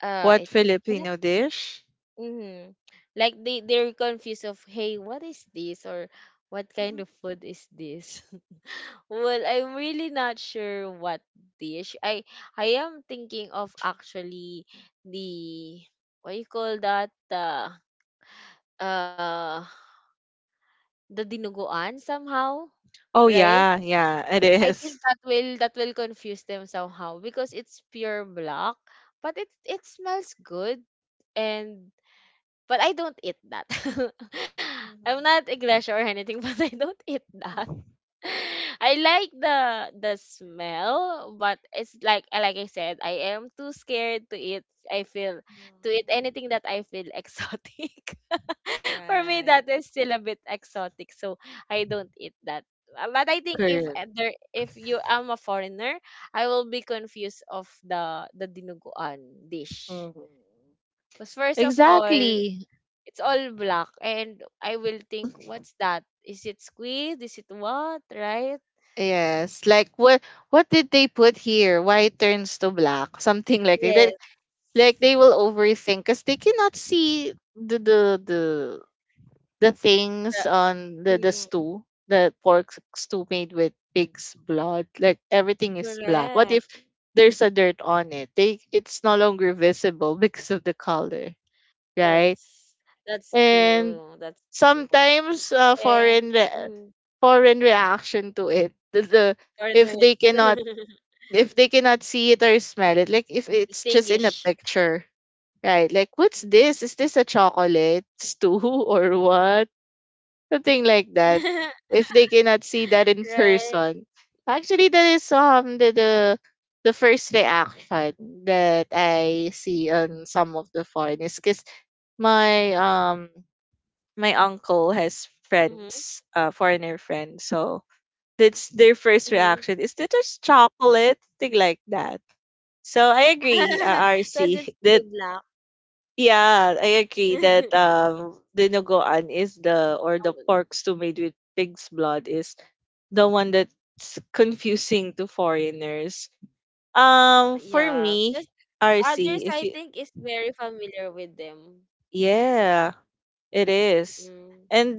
Speaker 2: What
Speaker 1: I think cannot.
Speaker 2: Filipino dish?
Speaker 1: Mm-hmm. Like they they're confused of hey, what is this, or what kind
Speaker 2: Mhm.
Speaker 1: of food is this? [laughs] well, I'm really not sure what dish. I am thinking of actually the what you call that uh the dinuguan somehow,
Speaker 2: Oh
Speaker 1: right?
Speaker 2: yeah, yeah, it
Speaker 1: I
Speaker 2: is.
Speaker 1: think that will confuse them somehow because it's pure black, but it smells good and but I don't eat that. [laughs] I'm
Speaker 2: Mhm.
Speaker 1: not iglesia or anything, [laughs] but I don't eat that.
Speaker 2: Mhm.
Speaker 1: [laughs] I like the smell, but it's like I said, I am too scared to eat. I feel to eat
Speaker 2: Mhm.
Speaker 1: anything that I feel [laughs] exotic. For me,
Speaker 2: Right.
Speaker 1: that is still a bit exotic, so I don't eat that. But I think if
Speaker 2: Correct.
Speaker 1: there, if you am a foreigner, I will be confused of the dinuguan dish.
Speaker 2: Mhm.
Speaker 1: Cause first of all,
Speaker 2: Exactly.
Speaker 1: it's all black, and I will think, what's that? Is it squid? Is it what? Right?
Speaker 2: Yes. Like what did they put here? Why it turns to black? Something like that.
Speaker 1: Yes.
Speaker 2: Like they will overthink because they cannot see the things
Speaker 1: The,
Speaker 2: on the
Speaker 1: mm,
Speaker 2: stew, the pork stew made with pig's blood. Like everything is black. What if
Speaker 1: correct.
Speaker 2: there's a dirt on it? They it's no longer visible [laughs] because of the color, right?
Speaker 1: That's that's
Speaker 2: And
Speaker 1: true. That's true.
Speaker 2: sometimes
Speaker 1: And mm,
Speaker 2: foreign reaction to it the if
Speaker 1: foreigners
Speaker 2: they cannot
Speaker 1: [laughs]
Speaker 2: if they cannot see it or smell it, like if it's just in a
Speaker 1: distinguish
Speaker 2: picture, right, like what's this, is this a chocolate stew [laughs]
Speaker 1: Mhm.
Speaker 2: or what, something like that,
Speaker 1: [laughs]
Speaker 2: if they cannot see that in
Speaker 1: Right.
Speaker 2: person. Actually, that is the first reaction that I see on some of the foreigners, because my my uncle has
Speaker 1: Mm-hmm.
Speaker 2: friends, foreigner friends. So that's their first
Speaker 1: Mm-hmm.
Speaker 2: reaction. Is that just chocolate? Thing like that. So I agree,
Speaker 1: [laughs] Because it's
Speaker 2: RC, [laughs]
Speaker 1: too
Speaker 2: that
Speaker 1: black.
Speaker 2: yeah, I agree that
Speaker 1: [laughs]
Speaker 2: dinuguan is the or
Speaker 1: Oh,
Speaker 2: the pork stew made with pig's blood is the one that's confusing to foreigners. For
Speaker 1: yeah. Because
Speaker 2: me,
Speaker 1: others,
Speaker 2: RC,
Speaker 1: I
Speaker 2: if you
Speaker 1: think, is very familiar with them.
Speaker 2: yeah. It is.
Speaker 1: Mm.
Speaker 2: And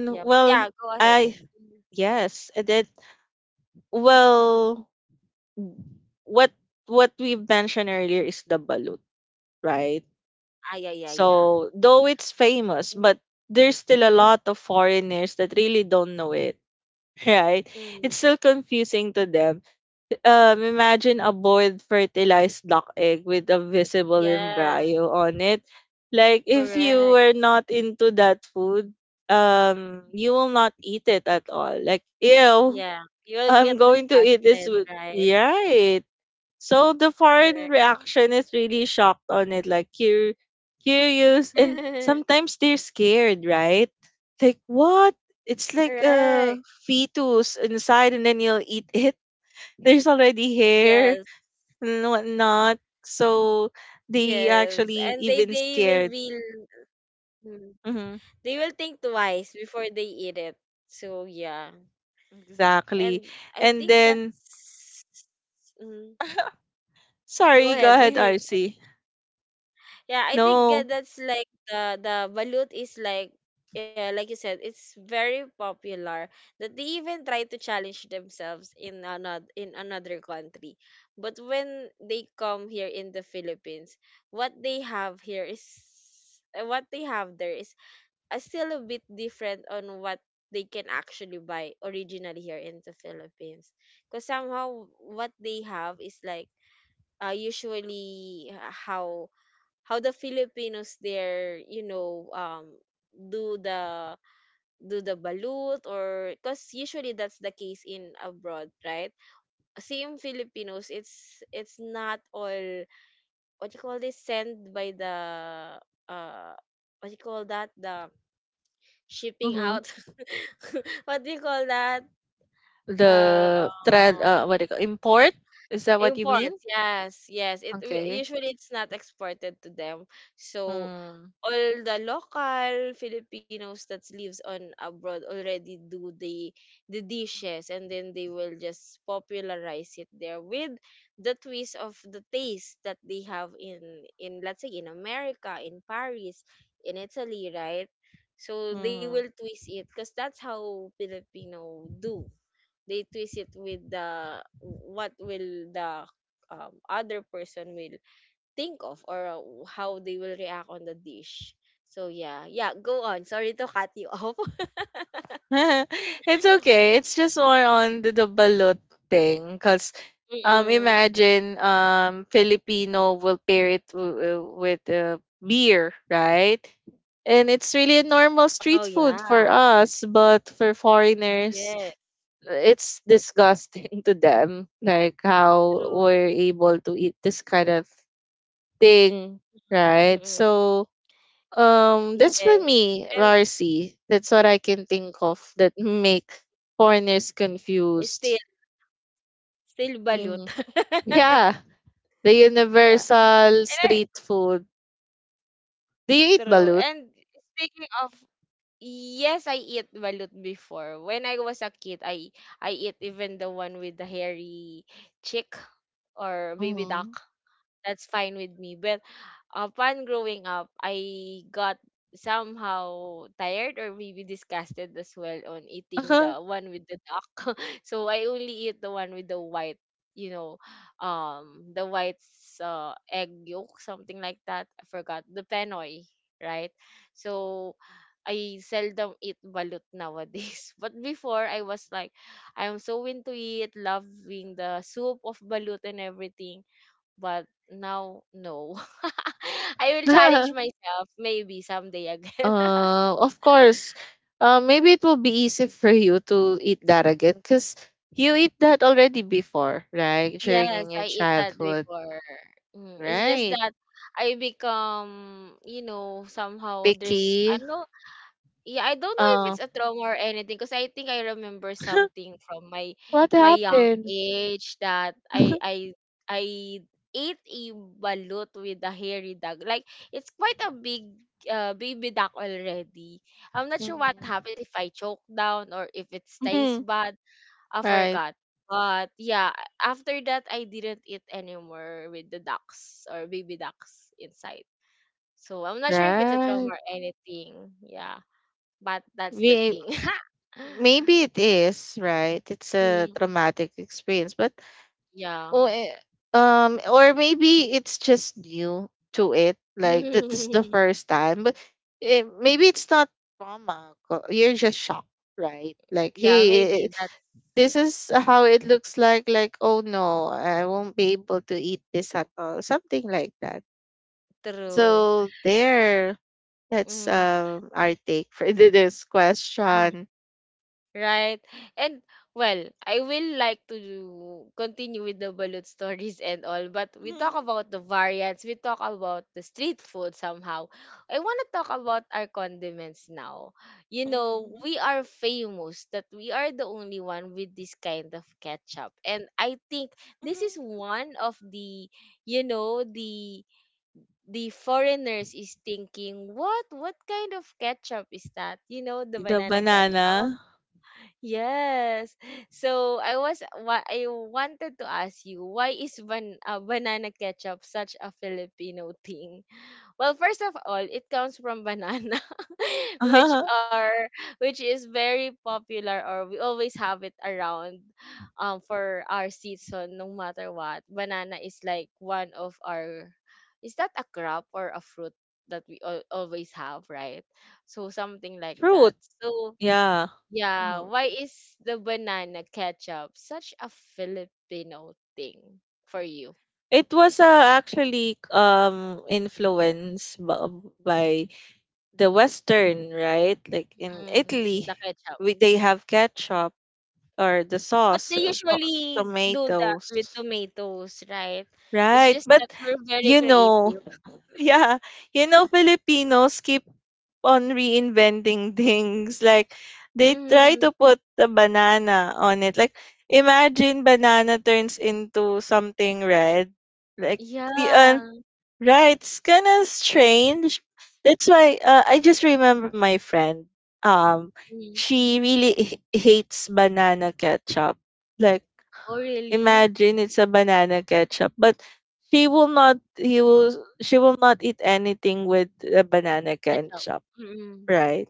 Speaker 1: Yeah. Yeah,
Speaker 2: well,
Speaker 1: go ahead.
Speaker 2: I
Speaker 1: Mhm.
Speaker 2: yes, and then well, what what we mentioned earlier is the balut, right?
Speaker 1: Ah, yeah, yeah, yeah.
Speaker 2: So though it's famous, but there's still
Speaker 1: Mm-hmm.
Speaker 2: a lot of foreigners that really don't know it, [laughs] right?
Speaker 1: Mm-hmm.
Speaker 2: It's still confusing to them imagine a boiled fertilized duck egg with a visible
Speaker 1: Yeah,
Speaker 2: embryo on it. Like, if you
Speaker 1: correct.
Speaker 2: were not into that food, you will not eat it at all. Like, ew,
Speaker 1: Yeah.
Speaker 2: [laughs]
Speaker 1: You'll
Speaker 2: I'm
Speaker 1: get
Speaker 2: going to eat this
Speaker 1: disgusted,
Speaker 2: with.
Speaker 1: right?
Speaker 2: Right. So the foreign
Speaker 1: Correct.
Speaker 2: reaction is really shocked on it, like curious, and
Speaker 1: [laughs]
Speaker 2: sometimes they're scared, right? Like, what? It's like
Speaker 1: Correct.
Speaker 2: a fetus inside, and then you'll eat it, there's already
Speaker 1: Yes.
Speaker 2: hair and whatnot. So they
Speaker 1: Yes. And
Speaker 2: actually even
Speaker 1: they will
Speaker 2: scared.
Speaker 1: be
Speaker 2: Hmm.
Speaker 1: they will think twice before they eat it. So yeah, and
Speaker 2: Exactly.
Speaker 1: I
Speaker 2: And
Speaker 1: think
Speaker 2: then,
Speaker 1: that's mm,
Speaker 2: [laughs]
Speaker 1: go
Speaker 2: sorry,
Speaker 1: ahead.
Speaker 2: go
Speaker 1: [laughs]
Speaker 2: ahead, RC.
Speaker 1: yeah, I think that
Speaker 2: No.
Speaker 1: that's like the balut is like yeah, like you said, it's very popular that they even try to challenge themselves in another country. But when they come here in the Philippines, what they have here is what they have there is still a bit different on what they can actually buy originally here in the Philippines. Because somehow what they have is like usually h- how how the Filipinos there, you know, do the do the balut, or because usually that's the case in abroad, right, same Filipinos, it's not all what you call this, sent by the uh what you call that, the shipping
Speaker 2: Mm-hmm.
Speaker 1: out, [laughs] what do you call that?
Speaker 2: The thread, what
Speaker 1: Um,
Speaker 2: do you call import? Is that what you mean?
Speaker 1: imports. Yes, yes. It w-
Speaker 2: Okay.
Speaker 1: usually it's not exported to them. So
Speaker 2: Mm-hmm.
Speaker 1: all the local Filipinos that lives on abroad already do the dishes, and then they will just popularize it there with the twist of the taste that they have in, let's say in America, in Paris, in Italy, right? So they will twist it because that's how Filipino do they twist it with the what will the other person will think of or how they will react on the dish. So yeah, yeah, go on. Sorry to cut you off. [laughs]
Speaker 2: [laughs] It's okay. It's just more on the balut thing because
Speaker 1: Mm-mm.
Speaker 2: imagine Filipino will pair it with beer, right? And it's really a normal
Speaker 1: Oh
Speaker 2: street food for
Speaker 1: yeah,
Speaker 2: us, but for foreigners,
Speaker 1: yeah,
Speaker 2: it's disgusting [laughs] to them. Like how
Speaker 1: true.
Speaker 2: we're able to eat this kind of thing, right?
Speaker 1: Mm-mm.
Speaker 2: So that's
Speaker 1: Yes,
Speaker 2: for me,
Speaker 1: and
Speaker 2: Rarcy. That's what I can think of that
Speaker 1: i-
Speaker 2: make foreigners
Speaker 1: still
Speaker 2: confused.
Speaker 1: still balut.
Speaker 2: Hmm.
Speaker 1: [laughs]
Speaker 2: Yeah, the
Speaker 1: Yeah, and
Speaker 2: universal
Speaker 1: I
Speaker 2: street food. Do you eat
Speaker 1: true.
Speaker 2: balut?
Speaker 1: And speaking of. Yes, I eat balut before. When I was a kid, I eat even the one with the hairy chick or baby duck.
Speaker 2: Mhm.
Speaker 1: That's fine with me. But upon growing up, I got somehow tired or maybe disgusted as well on eating the one with the duck. [laughs] So I only eat the one with the white, you know, the white egg yolk, something like that. I forgot the penoy, right? So I seldom eat balut nowadays. [laughs] But before, I was like, I'm so into it, loving the soup of balut and everything, but now, no. [laughs] I will challenge
Speaker 2: [laughs]
Speaker 1: myself maybe someday again. [laughs]
Speaker 2: Uh, of course. Maybe it will be easy for you to eat that again because you eat that already before, right? During
Speaker 1: Yes,
Speaker 2: in your
Speaker 1: I eat that
Speaker 2: childhood,
Speaker 1: before. Mm, it's just
Speaker 2: right?
Speaker 1: that I become, somehow there's
Speaker 2: Picky.
Speaker 1: I know. Yeah, I don't know if it's
Speaker 2: Uh,
Speaker 1: a trauma or anything because I think I remember
Speaker 2: [laughs]
Speaker 1: something from my
Speaker 2: what
Speaker 1: my young
Speaker 2: happened?
Speaker 1: age that I ate a balut with a hairy dog. Like it's quite a big baby duck already. I'm not sure what
Speaker 2: Mhm.
Speaker 1: happened if I choked down or if it stays
Speaker 2: [laughs]
Speaker 1: bad. I
Speaker 2: Right,
Speaker 1: forgot. But yeah, after that I didn't eat anymore with the ducks or baby ducks inside. So I'm not sure if it's a trauma
Speaker 2: right.
Speaker 1: or anything. Yeah, but that's the
Speaker 2: We
Speaker 1: thing. [laughs]
Speaker 2: Maybe it is, right? It's a
Speaker 1: Mm,
Speaker 2: traumatic experience, but
Speaker 1: yeah.
Speaker 2: oh, eh, or maybe it's just new to it. Like that is the
Speaker 1: [laughs]
Speaker 2: first time, but maybe it's not trauma. You're just shocked, right? Like,
Speaker 1: Yeah,
Speaker 2: hey,
Speaker 1: maybe that's
Speaker 2: this is how it looks like. Like, oh no, I won't be able to eat this at all. Something like that.
Speaker 1: true.
Speaker 2: So that's
Speaker 1: Mm.
Speaker 2: our take for [laughs] this question.
Speaker 1: Right. And well, I will like to continue with the balut stories and all, but we talk
Speaker 2: Mhm.
Speaker 1: about the variants, we talk about the street food somehow. I want to talk about our condiments now. You know,
Speaker 2: Mhm.
Speaker 1: we are famous that we are the only one with this kind of ketchup. And I think this
Speaker 2: Mhm.
Speaker 1: is one of the, you know, the the foreigners is thinking, what kind of ketchup is that? You know, the
Speaker 2: The
Speaker 1: banana
Speaker 2: banana.
Speaker 1: ketchup. Yes. So I was what I wanted to ask you, why is banana ketchup such a Filipino thing? Well, first of all, it comes from banana, [laughs] which
Speaker 2: [laughs]
Speaker 1: are which is very popular, or we always have it around for our season no matter what. Banana is like one of our, is that a crop or a fruit that we always have, right? So something like that.
Speaker 2: Fruit.
Speaker 1: So
Speaker 2: Yeah.
Speaker 1: yeah,
Speaker 2: Mhm.
Speaker 1: why is the banana ketchup such a Filipino thing for you?
Speaker 2: It was actually influenced by the Western, right? Like in
Speaker 1: Mm, the
Speaker 2: Italy,
Speaker 1: ketchup.
Speaker 2: they have ketchup or the
Speaker 1: But they
Speaker 2: sauce,
Speaker 1: usually do that with
Speaker 2: tomatoes,
Speaker 1: tomatoes, right? It's
Speaker 2: right?
Speaker 1: just
Speaker 2: But
Speaker 1: that we're very
Speaker 2: you know,
Speaker 1: creative.
Speaker 2: yeah, you know, Filipinos keep on reinventing [laughs] things. Like, they try
Speaker 1: Mm,
Speaker 2: to put the banana on it. Like, imagine banana turns into something red. Like, the
Speaker 1: yeah.
Speaker 2: right, it's kind of strange. That's why I just remember my friend. Um,
Speaker 1: Mm.
Speaker 2: she really hates banana ketchup. Like.
Speaker 1: Oh, really?
Speaker 2: Imagine it's a banana ketchup, but she will not he will she will not eat anything with a banana
Speaker 1: Ketchup.
Speaker 2: ketchup,
Speaker 1: Mm-mm.
Speaker 2: right?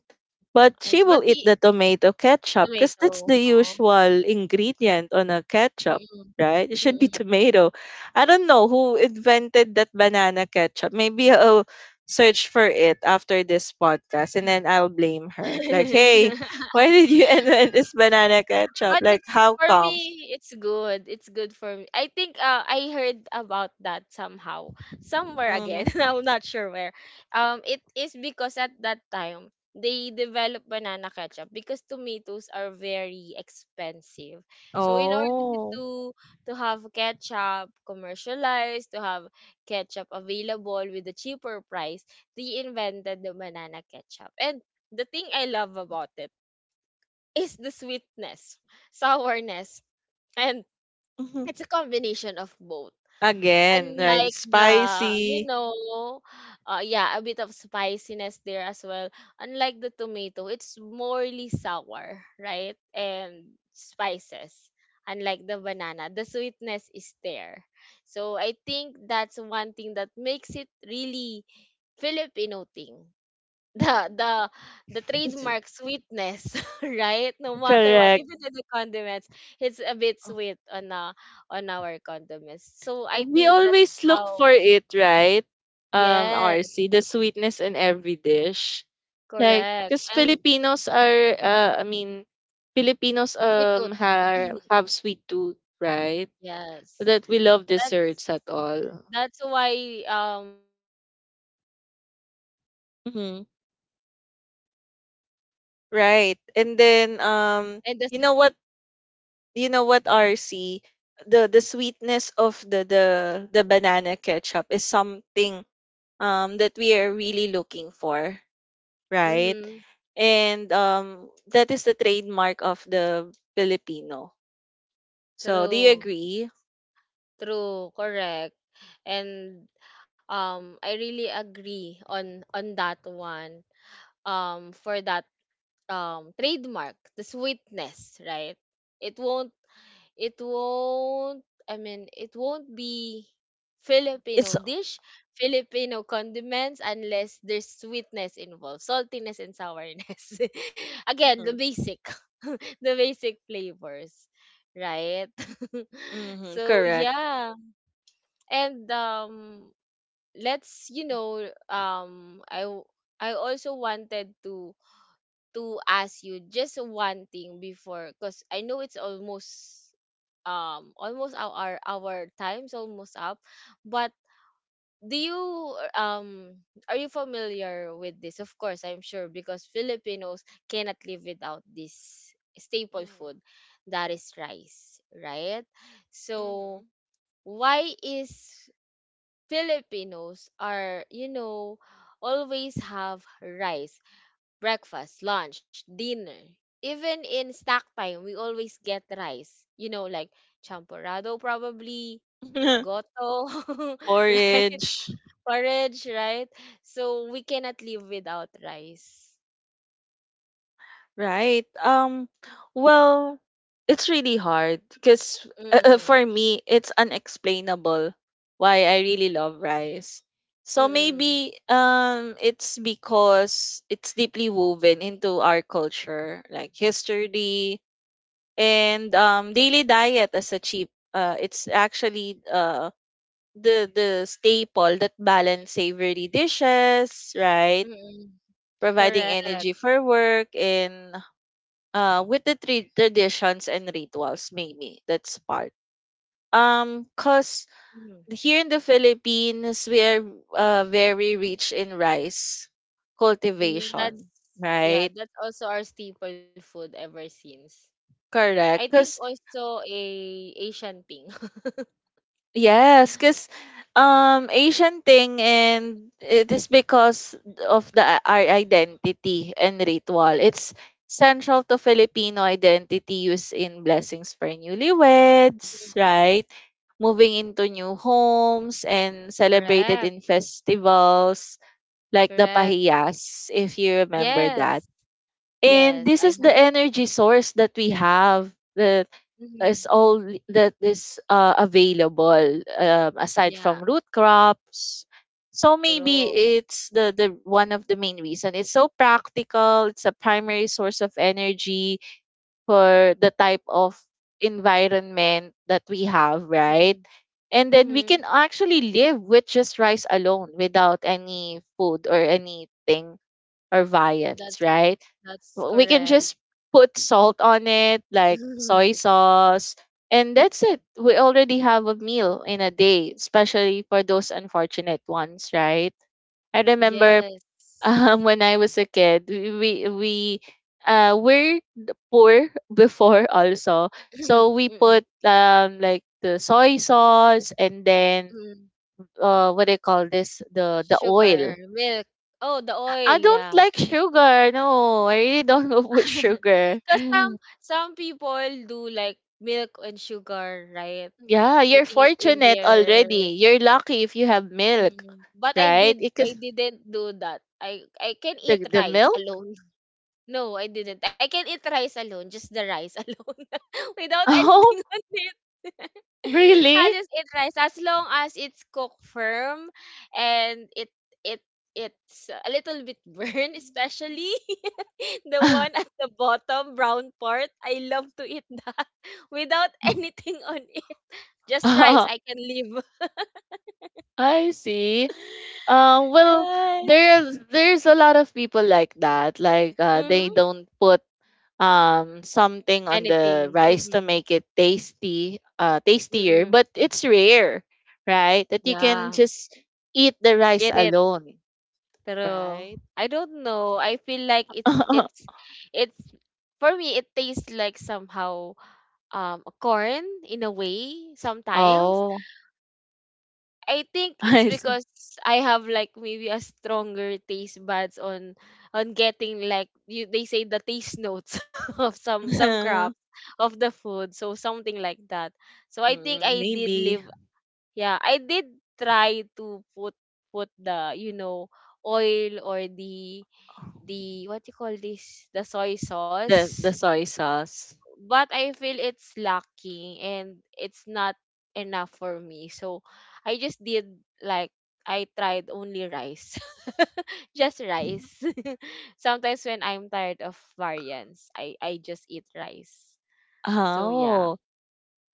Speaker 2: But
Speaker 1: I see.
Speaker 2: she
Speaker 1: But
Speaker 2: will eat
Speaker 1: he,
Speaker 2: the tomato ketchup because that's
Speaker 1: tomato.
Speaker 2: the
Speaker 1: Oh.
Speaker 2: usual ingredient on a ketchup,
Speaker 1: Mm-mm.
Speaker 2: right? It should be [laughs]
Speaker 1: Mm-mm.
Speaker 2: tomato. I don't know who invented that banana ketchup. Maybe I'll search for it after this podcast and then I'll blame her. Like,
Speaker 1: Mm.
Speaker 2: hey, why did you [laughs]
Speaker 1: [laughs]
Speaker 2: invent this banana
Speaker 1: But
Speaker 2: ketchup? Like,
Speaker 1: it's
Speaker 2: how
Speaker 1: for
Speaker 2: come?
Speaker 1: me, it's good. It's good for me. I think I heard about that somehow, somewhere
Speaker 2: Mm.
Speaker 1: again. [laughs] I'm not sure where. It is because at that time they developed banana ketchup because tomatoes are very expensive. So in order
Speaker 2: Oh.
Speaker 1: to to have ketchup commercialized, to have ketchup available with a cheaper price, they invented the banana ketchup. And the thing I love about it is the sweetness, sourness, and
Speaker 2: Mhm.
Speaker 1: it's a combination of both.
Speaker 2: Again, right?
Speaker 1: Unlike
Speaker 2: It's
Speaker 1: the, you
Speaker 2: spicy.
Speaker 1: know, yeah, a bit of spiciness there as well. Unlike the tomato, it's morely sour, right? And spices. Unlike the banana, the sweetness is there. So I think that's one thing that makes it really Filipino thing, the
Speaker 2: Mhm.
Speaker 1: the trademark sweetness, [laughs] right? No matter what,
Speaker 2: Correct.
Speaker 1: even in the condiments, it's a bit sweet on, on our condiments. So I
Speaker 2: We
Speaker 1: think that's
Speaker 2: always look
Speaker 1: how.
Speaker 2: for it, right?
Speaker 1: Yes,
Speaker 2: RC, the sweetness in every dish. Like,
Speaker 1: correct.
Speaker 2: because
Speaker 1: And
Speaker 2: Filipinos are, I mean, Filipinos
Speaker 1: sweet tooth.
Speaker 2: have
Speaker 1: [laughs]
Speaker 2: have sweet tooth, right?
Speaker 1: Yes,
Speaker 2: That we love
Speaker 1: that's
Speaker 2: desserts at all.
Speaker 1: that's why I think that's the Filipino thing.
Speaker 2: Hmm.
Speaker 1: Being a being the only country that has a banana
Speaker 2: Right.
Speaker 1: ketchup,
Speaker 2: And
Speaker 1: of
Speaker 2: then
Speaker 1: course, and the
Speaker 2: you know what?
Speaker 1: sweetness of it.
Speaker 2: You know
Speaker 1: [laughs]
Speaker 2: what RC, the sweetness of the banana ketchup is something that we are really looking for, right?
Speaker 1: Mm-hmm.
Speaker 2: And that is the trademark of the Filipino, so do you
Speaker 1: True.
Speaker 2: agree?
Speaker 1: True, correct. And I really agree on that one. For that trademark, the sweetness, right? It won't it won't, I mean it won't be Filipino
Speaker 2: It's
Speaker 1: dish, Filipino condiments unless there's sweetness involved, saltiness and sourness. [laughs] Again, the
Speaker 2: mm-hmm,
Speaker 1: [laughs] the basic flavors, right? [laughs]
Speaker 2: mm-hmm,
Speaker 1: So
Speaker 2: correct.
Speaker 1: yeah. And let's you know I w- I also wanted to ask you just one thing before, because I know it's almost, almost our time's almost up. But do you are you familiar with this? Of course I'm sure, because Filipinos cannot live without this staple food, that is rice, right?
Speaker 2: Mm-hmm.
Speaker 1: So why is Filipinos are, always have rice, breakfast, lunch, dinner. Even in snack time, we always get rice. You know, like champorado probably, goto,
Speaker 2: [laughs]
Speaker 1: [laughs] right?
Speaker 2: Porridge.
Speaker 1: Porridge, right? So we cannot live without rice.
Speaker 2: Right. Well, it's really hard because
Speaker 1: Mm-mm.
Speaker 2: for me it's unexplainable why I really love rice. So
Speaker 1: Mm-mm.
Speaker 2: maybe it's because it's deeply woven into our culture, like history, and daily diet as a cheap it's actually the staple that balance savory dishes, right?
Speaker 1: Mm-mm.
Speaker 2: Providing
Speaker 1: Correct.
Speaker 2: energy for work and with the traditions and rituals, maybe that's part, cuz
Speaker 1: Mm-hmm.
Speaker 2: here in the Philippines we are very rich in rice
Speaker 1: That's
Speaker 2: cultivation,
Speaker 1: yeah,
Speaker 2: right?
Speaker 1: that's also our staple food ever since. I
Speaker 2: Correct,
Speaker 1: think
Speaker 2: cuz
Speaker 1: also a Asian thing.
Speaker 2: yes, because Asian thing, and it is because of the our identity and ritual. It's central to Filipino identity, used in blessings for newlyweds,
Speaker 1: [laughs]
Speaker 2: right? Moving into new homes and celebrated
Speaker 1: Correct.
Speaker 2: in festivals like the
Speaker 1: Correct.
Speaker 2: Pahiyas, if you remember that.
Speaker 1: Yes.
Speaker 2: And
Speaker 1: Yes,
Speaker 2: this
Speaker 1: I
Speaker 2: is the
Speaker 1: heard.
Speaker 2: energy source that we have. The
Speaker 1: hmm
Speaker 2: is all that is available, aside
Speaker 1: Yeah,
Speaker 2: from root crops. So maybe
Speaker 1: true.
Speaker 2: it's the one of the main reason. It's so practical. It's a primary source of energy for the type of environment that we have,
Speaker 1: Mm-hmm.
Speaker 2: right? And then we
Speaker 1: Mm-hmm.
Speaker 2: can actually live with just rice alone without any food or anything or viands,
Speaker 1: That's
Speaker 2: right?
Speaker 1: that's
Speaker 2: We can
Speaker 1: correct.
Speaker 2: just put salt on it like soy
Speaker 1: [laughs]
Speaker 2: sauce, and that's it, we already have a meal in a day, especially for those unfortunate ones, right? I remember [laughs]
Speaker 1: Yes.
Speaker 2: when I was a kid, we're poor before also,
Speaker 1: [clears throat]
Speaker 2: so we
Speaker 1: Mm-mm.
Speaker 2: put like the soy sauce, and then
Speaker 1: Mm.
Speaker 2: what do you call this, the oil.
Speaker 1: Sugar, milk. Oh, the
Speaker 2: I
Speaker 1: oil,
Speaker 2: don't
Speaker 1: yeah.
Speaker 2: like sugar. No, I really don't [laughs] put
Speaker 1: [laughs]
Speaker 2: sugar.
Speaker 1: Because some people do like milk and sugar, right?
Speaker 2: Yeah, you're
Speaker 1: Putting it in
Speaker 2: fortunate
Speaker 1: their.
Speaker 2: already. You're lucky if you have milk,
Speaker 1: Mm, but
Speaker 2: right?
Speaker 1: I
Speaker 2: Because
Speaker 1: didn't do that. I can eat
Speaker 2: the
Speaker 1: rice
Speaker 2: milk?
Speaker 1: alone. [laughs] No, I didn't. I can eat rice alone, just the rice [laughs] alone [laughs] without
Speaker 2: [laughs] Oh,
Speaker 1: anything on it. [laughs] I'll
Speaker 2: really?
Speaker 1: just eat rice as long as it's cooked firm, and it it's a little bit burned, especially [laughs] the one at
Speaker 2: [laughs]
Speaker 1: the bottom brown part. I love to eat that [laughs] without anything on it. Just rice, I can live. [laughs]
Speaker 2: I see. Well,
Speaker 1: Right.
Speaker 2: there's a lot of people like that. Like they
Speaker 1: Mm-hmm.
Speaker 2: don't put something on the
Speaker 1: Anything,
Speaker 2: rice to
Speaker 1: mm,
Speaker 2: make it tasty, tastier.
Speaker 1: mm.
Speaker 2: But it's rare, right? That you can
Speaker 1: Yeah,
Speaker 2: just eat the rice
Speaker 1: eat it,
Speaker 2: alone,
Speaker 1: pero
Speaker 2: right?
Speaker 1: I don't know, I feel like
Speaker 2: [laughs]
Speaker 1: it's for me, it tastes like somehow, corn in a way sometimes.
Speaker 2: Oh,
Speaker 1: I think it's
Speaker 2: I see.
Speaker 1: because I have like maybe a stronger taste buds on getting like you they say the taste notes [laughs] of some crop
Speaker 2: [laughs]
Speaker 1: of the food, so something like that. So I think
Speaker 2: Mm,
Speaker 1: I did
Speaker 2: maybe
Speaker 1: live. Yeah, I did try to put the oil, or the what you call this, the soy
Speaker 2: the
Speaker 1: sauce,
Speaker 2: soy sauce.
Speaker 1: but I feel it's lacking and it's not enough for me. So I just did, like I tried only rice, [laughs] just rice. [laughs] Sometimes when I'm tired of variants, I just eat rice.
Speaker 2: Ah,
Speaker 1: So yeah,
Speaker 2: oh,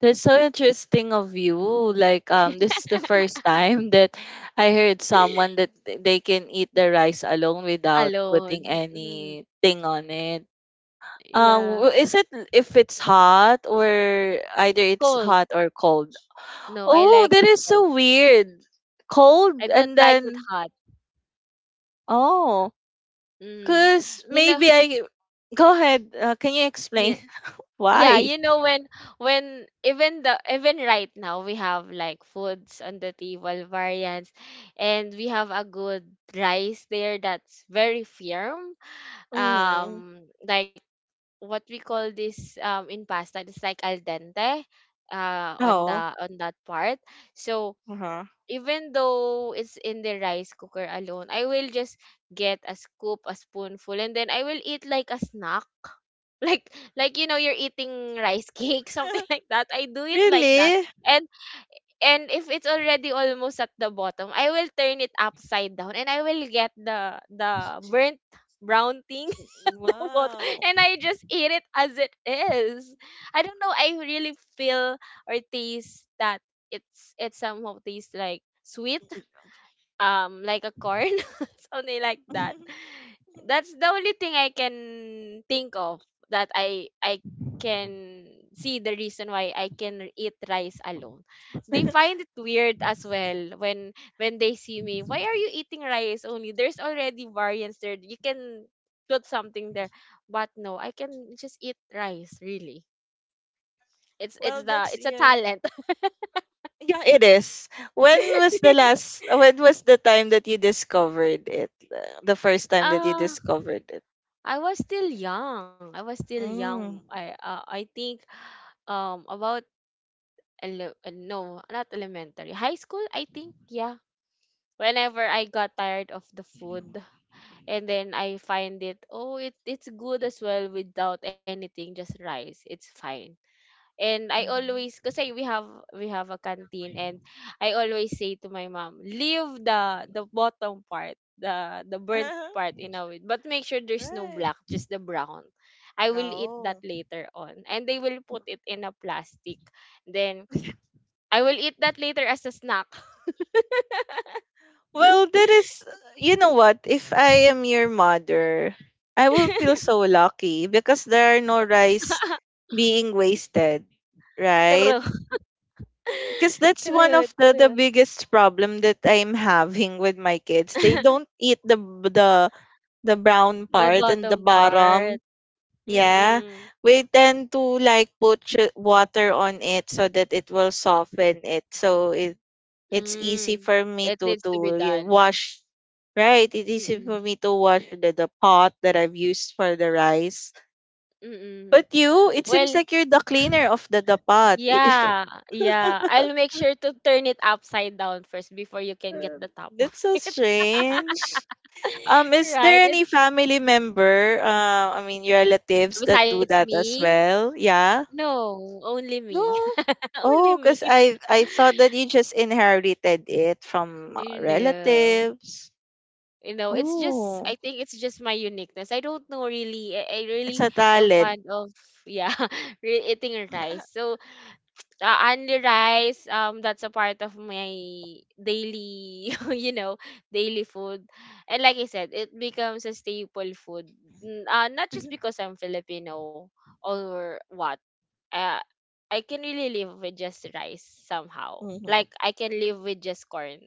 Speaker 2: that's so interesting of you. Like this is the first time that I heard someone that they can eat the rice alone without
Speaker 1: alone.
Speaker 2: putting
Speaker 1: Mm,
Speaker 2: anything on it.
Speaker 1: yeah,
Speaker 2: Is it if it's hot or either it's
Speaker 1: cold.
Speaker 2: hot or cold?
Speaker 1: No,
Speaker 2: Oh, that is so weird. Cold,
Speaker 1: I don't
Speaker 2: and
Speaker 1: like it
Speaker 2: then
Speaker 1: hot.
Speaker 2: oh.
Speaker 1: Mm.
Speaker 2: Cause
Speaker 1: You know,
Speaker 2: maybe I go ahead. Can you
Speaker 1: yeah,
Speaker 2: explain [laughs]
Speaker 1: yeah. You
Speaker 2: why?
Speaker 1: know, when even right now we have like foods on the table variants, and we have a good rice there that's very firm.
Speaker 2: Mm.
Speaker 1: Like what we call this, in pasta, it's like al dente. On the
Speaker 2: Oh.
Speaker 1: on that part, so
Speaker 2: Uh-huh.
Speaker 1: even though it's in the rice cooker alone, I will just get a scoop, a spoonful, and then I will eat like a snack. [laughs] Like, you're eating rice cake, [laughs] something like that. I do
Speaker 2: [laughs]
Speaker 1: it like that.
Speaker 2: Really?
Speaker 1: And if it's already almost at the bottom, I will turn it upside down and I will get the burnt brown thing, [laughs] the bottom,
Speaker 2: Wow.
Speaker 1: and I just eat it as it is. I don't know, I really feel or taste that it somehow tastes like sweet, like a corn, [laughs] something like that.
Speaker 2: [laughs]
Speaker 1: That's the only thing I can think of, that I can see the reason why I can eat rice alone. They find it weird as well, when they see me, why are you eating rice only, there's already variants there, you can put something there, but no, I can just eat rice, really.
Speaker 2: Well, that's
Speaker 1: It's a
Speaker 2: yeah.
Speaker 1: talent. [laughs]
Speaker 2: Yeah, it is. When was the last? When was the time that you discovered it? The first time that you
Speaker 1: Ah.
Speaker 2: discovered it.
Speaker 1: I was still young. I was still young.
Speaker 2: Mm.
Speaker 1: I think about no, not elementary. High school, I think, yeah. Whenever I got tired of the food and then I find it, oh, it's good as well without anything, just rice. It's fine. And I
Speaker 2: Mhm.
Speaker 1: always, kasi we have a canteen, and I always say to my mom, leave the bottom part, the burnt
Speaker 2: [laughs]
Speaker 1: part in a way, but make sure there's no
Speaker 2: Right.
Speaker 1: black, just the brown. I will eat that
Speaker 2: Oh.
Speaker 1: later on. And they will put it in a plastic. Then I will eat that later as a snack.
Speaker 2: Well, that is, you know what? If I am your mother, I will feel
Speaker 1: [laughs]
Speaker 2: so lucky because there are no rice being wasted,
Speaker 1: True,
Speaker 2: right? Because that's one
Speaker 1: true,
Speaker 2: of the
Speaker 1: true.
Speaker 2: biggest problem that I'm having with my kids. They don't
Speaker 1: [laughs]
Speaker 2: eat the the brown
Speaker 1: The
Speaker 2: part and the
Speaker 1: bottom
Speaker 2: bottom.
Speaker 1: part.
Speaker 2: Yeah,
Speaker 1: Mm-mm.
Speaker 2: we tend to like put water on it so that it will soften it, so it it's easy
Speaker 1: Mm.
Speaker 2: for me
Speaker 1: It needs
Speaker 2: to
Speaker 1: to be done.
Speaker 2: wash, right, it's easy for
Speaker 1: Mm-mm.
Speaker 2: me to wash the pot that I've used for the rice,
Speaker 1: Mm-mm.
Speaker 2: but you, it seems
Speaker 1: Well,
Speaker 2: like you're the cleaner of the pot.
Speaker 1: yeah,
Speaker 2: [laughs]
Speaker 1: yeah. I'll make sure to turn it upside down first before you can get the top
Speaker 2: That's
Speaker 1: of
Speaker 2: so
Speaker 1: [laughs] it.
Speaker 2: strange. Is there
Speaker 1: Right?
Speaker 2: any
Speaker 1: It's
Speaker 2: family member I mean your relatives that do
Speaker 1: besides
Speaker 2: that as
Speaker 1: me?
Speaker 2: well, yeah,
Speaker 1: No, only
Speaker 2: no?
Speaker 1: me. [laughs] Only
Speaker 2: Oh,
Speaker 1: me.
Speaker 2: because
Speaker 1: [laughs]
Speaker 2: I thought that you just inherited it from
Speaker 1: No.
Speaker 2: relatives.
Speaker 1: You know, it's just, I
Speaker 2: Oh,
Speaker 1: think it's just my uniqueness, I don't know, really, I
Speaker 2: it's
Speaker 1: really
Speaker 2: a
Speaker 1: am
Speaker 2: talent.
Speaker 1: fond of, yeah, [laughs] eating rice. So [tsk] only rice, that's a part of my daily [laughs] daily food, and like I said it becomes a staple food. Not just
Speaker 2: [laughs]
Speaker 1: because I'm Filipino or what, uh, I can really live with just rice somehow.
Speaker 2: Mhm,
Speaker 1: Like I can live with just corn,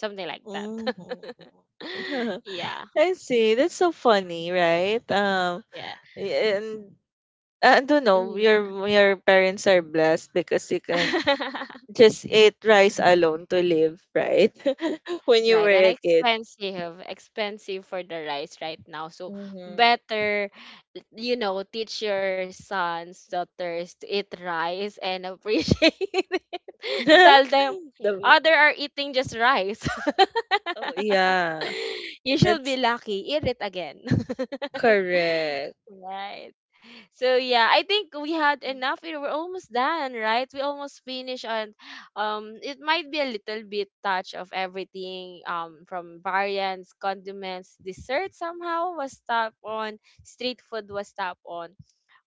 Speaker 1: something like that.
Speaker 2: mhm, mhm.
Speaker 1: [laughs]
Speaker 2: [laughs]
Speaker 1: Yeah,
Speaker 2: I see. That's so funny, right?
Speaker 1: yeah.
Speaker 2: And I don't
Speaker 1: Mhm.
Speaker 2: know. Your parents are blessed because you can
Speaker 1: [laughs]
Speaker 2: just eat rice alone to live, right? [laughs] When you
Speaker 1: Right, and
Speaker 2: were a kid.
Speaker 1: expensive, expensive for the rice right now. So
Speaker 2: Mm-hmm.
Speaker 1: better, teach your sons, daughters to eat rice and appreciate [laughs] it. And tell them,
Speaker 2: [laughs] The,
Speaker 1: other are eating just rice.
Speaker 2: oh
Speaker 1: [laughs]
Speaker 2: yeah,
Speaker 1: You should
Speaker 2: that's
Speaker 1: be lucky. Eat it again. [laughs]
Speaker 2: correct.
Speaker 1: Right. So yeah, I think we had enough. You We're almost done, right? We almost finished on, it might be a little bit touch of everything, from variants, condiments, dessert somehow was top on, street food was top on.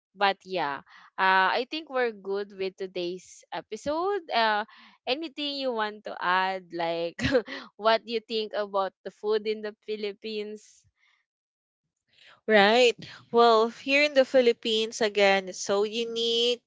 Speaker 1: But yeah, I think we're good with today's episode. Anything you want to add, like [laughs] what you think about the food in the Philippines?
Speaker 2: Right. Well, here in the Philippines, again, it's so unique.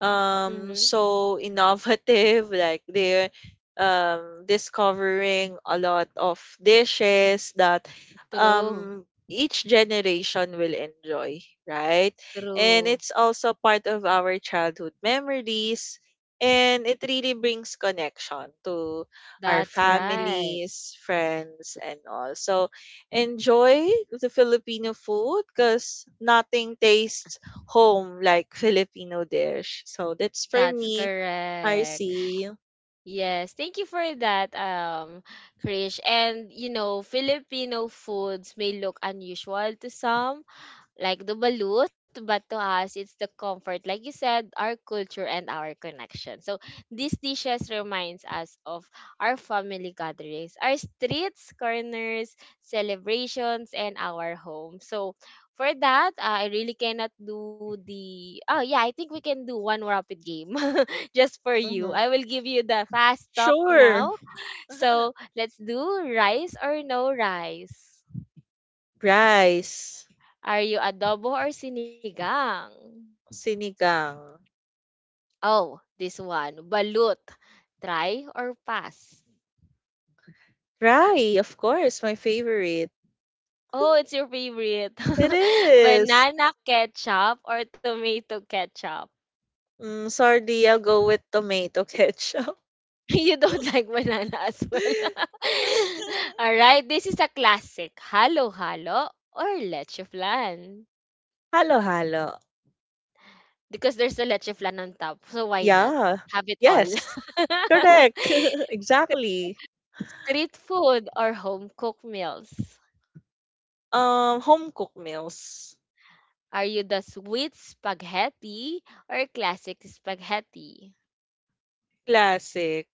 Speaker 1: Mhm.
Speaker 2: So innovative, [laughs] like they're discovering a lot of dishes that
Speaker 1: True.
Speaker 2: each generation will enjoy, right? And
Speaker 1: True.
Speaker 2: it's also part of our childhood memories, and it really brings connection to our
Speaker 1: That's right.
Speaker 2: families, friends, and all, so enjoy the Filipino food, because nothing tastes home like Filipino dish. So that's for
Speaker 1: That's
Speaker 2: me. I
Speaker 1: correct.
Speaker 2: see.
Speaker 1: Yes, thank you for that, Krish. And you know, Filipino foods may look unusual to some, like the balut, but to us, it's the comfort. Like you said, our culture and our connection. So these dishes reminds us of our family gatherings, our streets, corners, celebrations, and our home. So for that, I really cannot do the. Oh yeah, I think we can do one rapid game [laughs] just for you.
Speaker 2: Hmm.
Speaker 1: I will give you the fast talk
Speaker 2: Sure.
Speaker 1: now.
Speaker 2: [laughs]
Speaker 1: So let's do rice or no rice.
Speaker 2: Rice,
Speaker 1: Are you adobo or sinigang?
Speaker 2: sinigang,
Speaker 1: Oh, this one. Balut. Try or pass?
Speaker 2: rye, of course, my favorite.
Speaker 1: Oh, it's your favorite.
Speaker 2: It
Speaker 1: [laughs]
Speaker 2: is.
Speaker 1: Banana ketchup or tomato ketchup?
Speaker 2: Mm, sorry, I'll go with tomato ketchup.
Speaker 1: [laughs] You don't like banana as well.
Speaker 2: [laughs]
Speaker 1: [laughs] All right, this is a classic. Halo halo or leche flan?
Speaker 2: Halo halo.
Speaker 1: Because there's a leche flan on top, so why not
Speaker 2: Yeah.
Speaker 1: have it all?
Speaker 2: Yes. Correct. [laughs]
Speaker 1: [laughs]
Speaker 2: Exactly.
Speaker 1: Street food or home cooked meals?
Speaker 2: Home cooked meals.
Speaker 1: Are you the sweet spaghetti or classic spaghetti?
Speaker 2: Classic.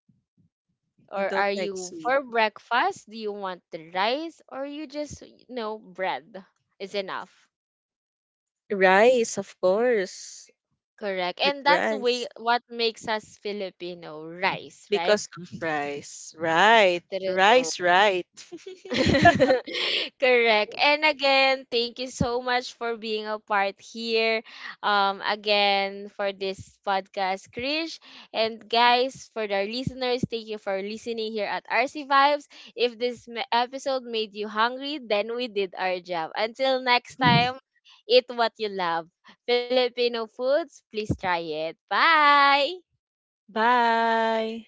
Speaker 1: Or are
Speaker 2: Don't like
Speaker 1: you
Speaker 2: sweet.
Speaker 1: for breakfast? Do you want the rice, or you just bread is enough?
Speaker 2: Rice, of course,
Speaker 1: Correct.
Speaker 2: with
Speaker 1: And that's way
Speaker 2: rice
Speaker 1: what makes us Filipino, rice, right?
Speaker 2: because of rice. Right,
Speaker 1: True.
Speaker 2: rice, right. [laughs]
Speaker 1: [laughs] Correct. And again, thank you so much for being a part here. Again for this podcast, Krish. And guys, for our listeners, thank you for listening here at RC Vibes. If this episode made you hungry, then we did our job. Until next time, eat what you love. Filipino foods, please try it. Bye.
Speaker 2: Bye.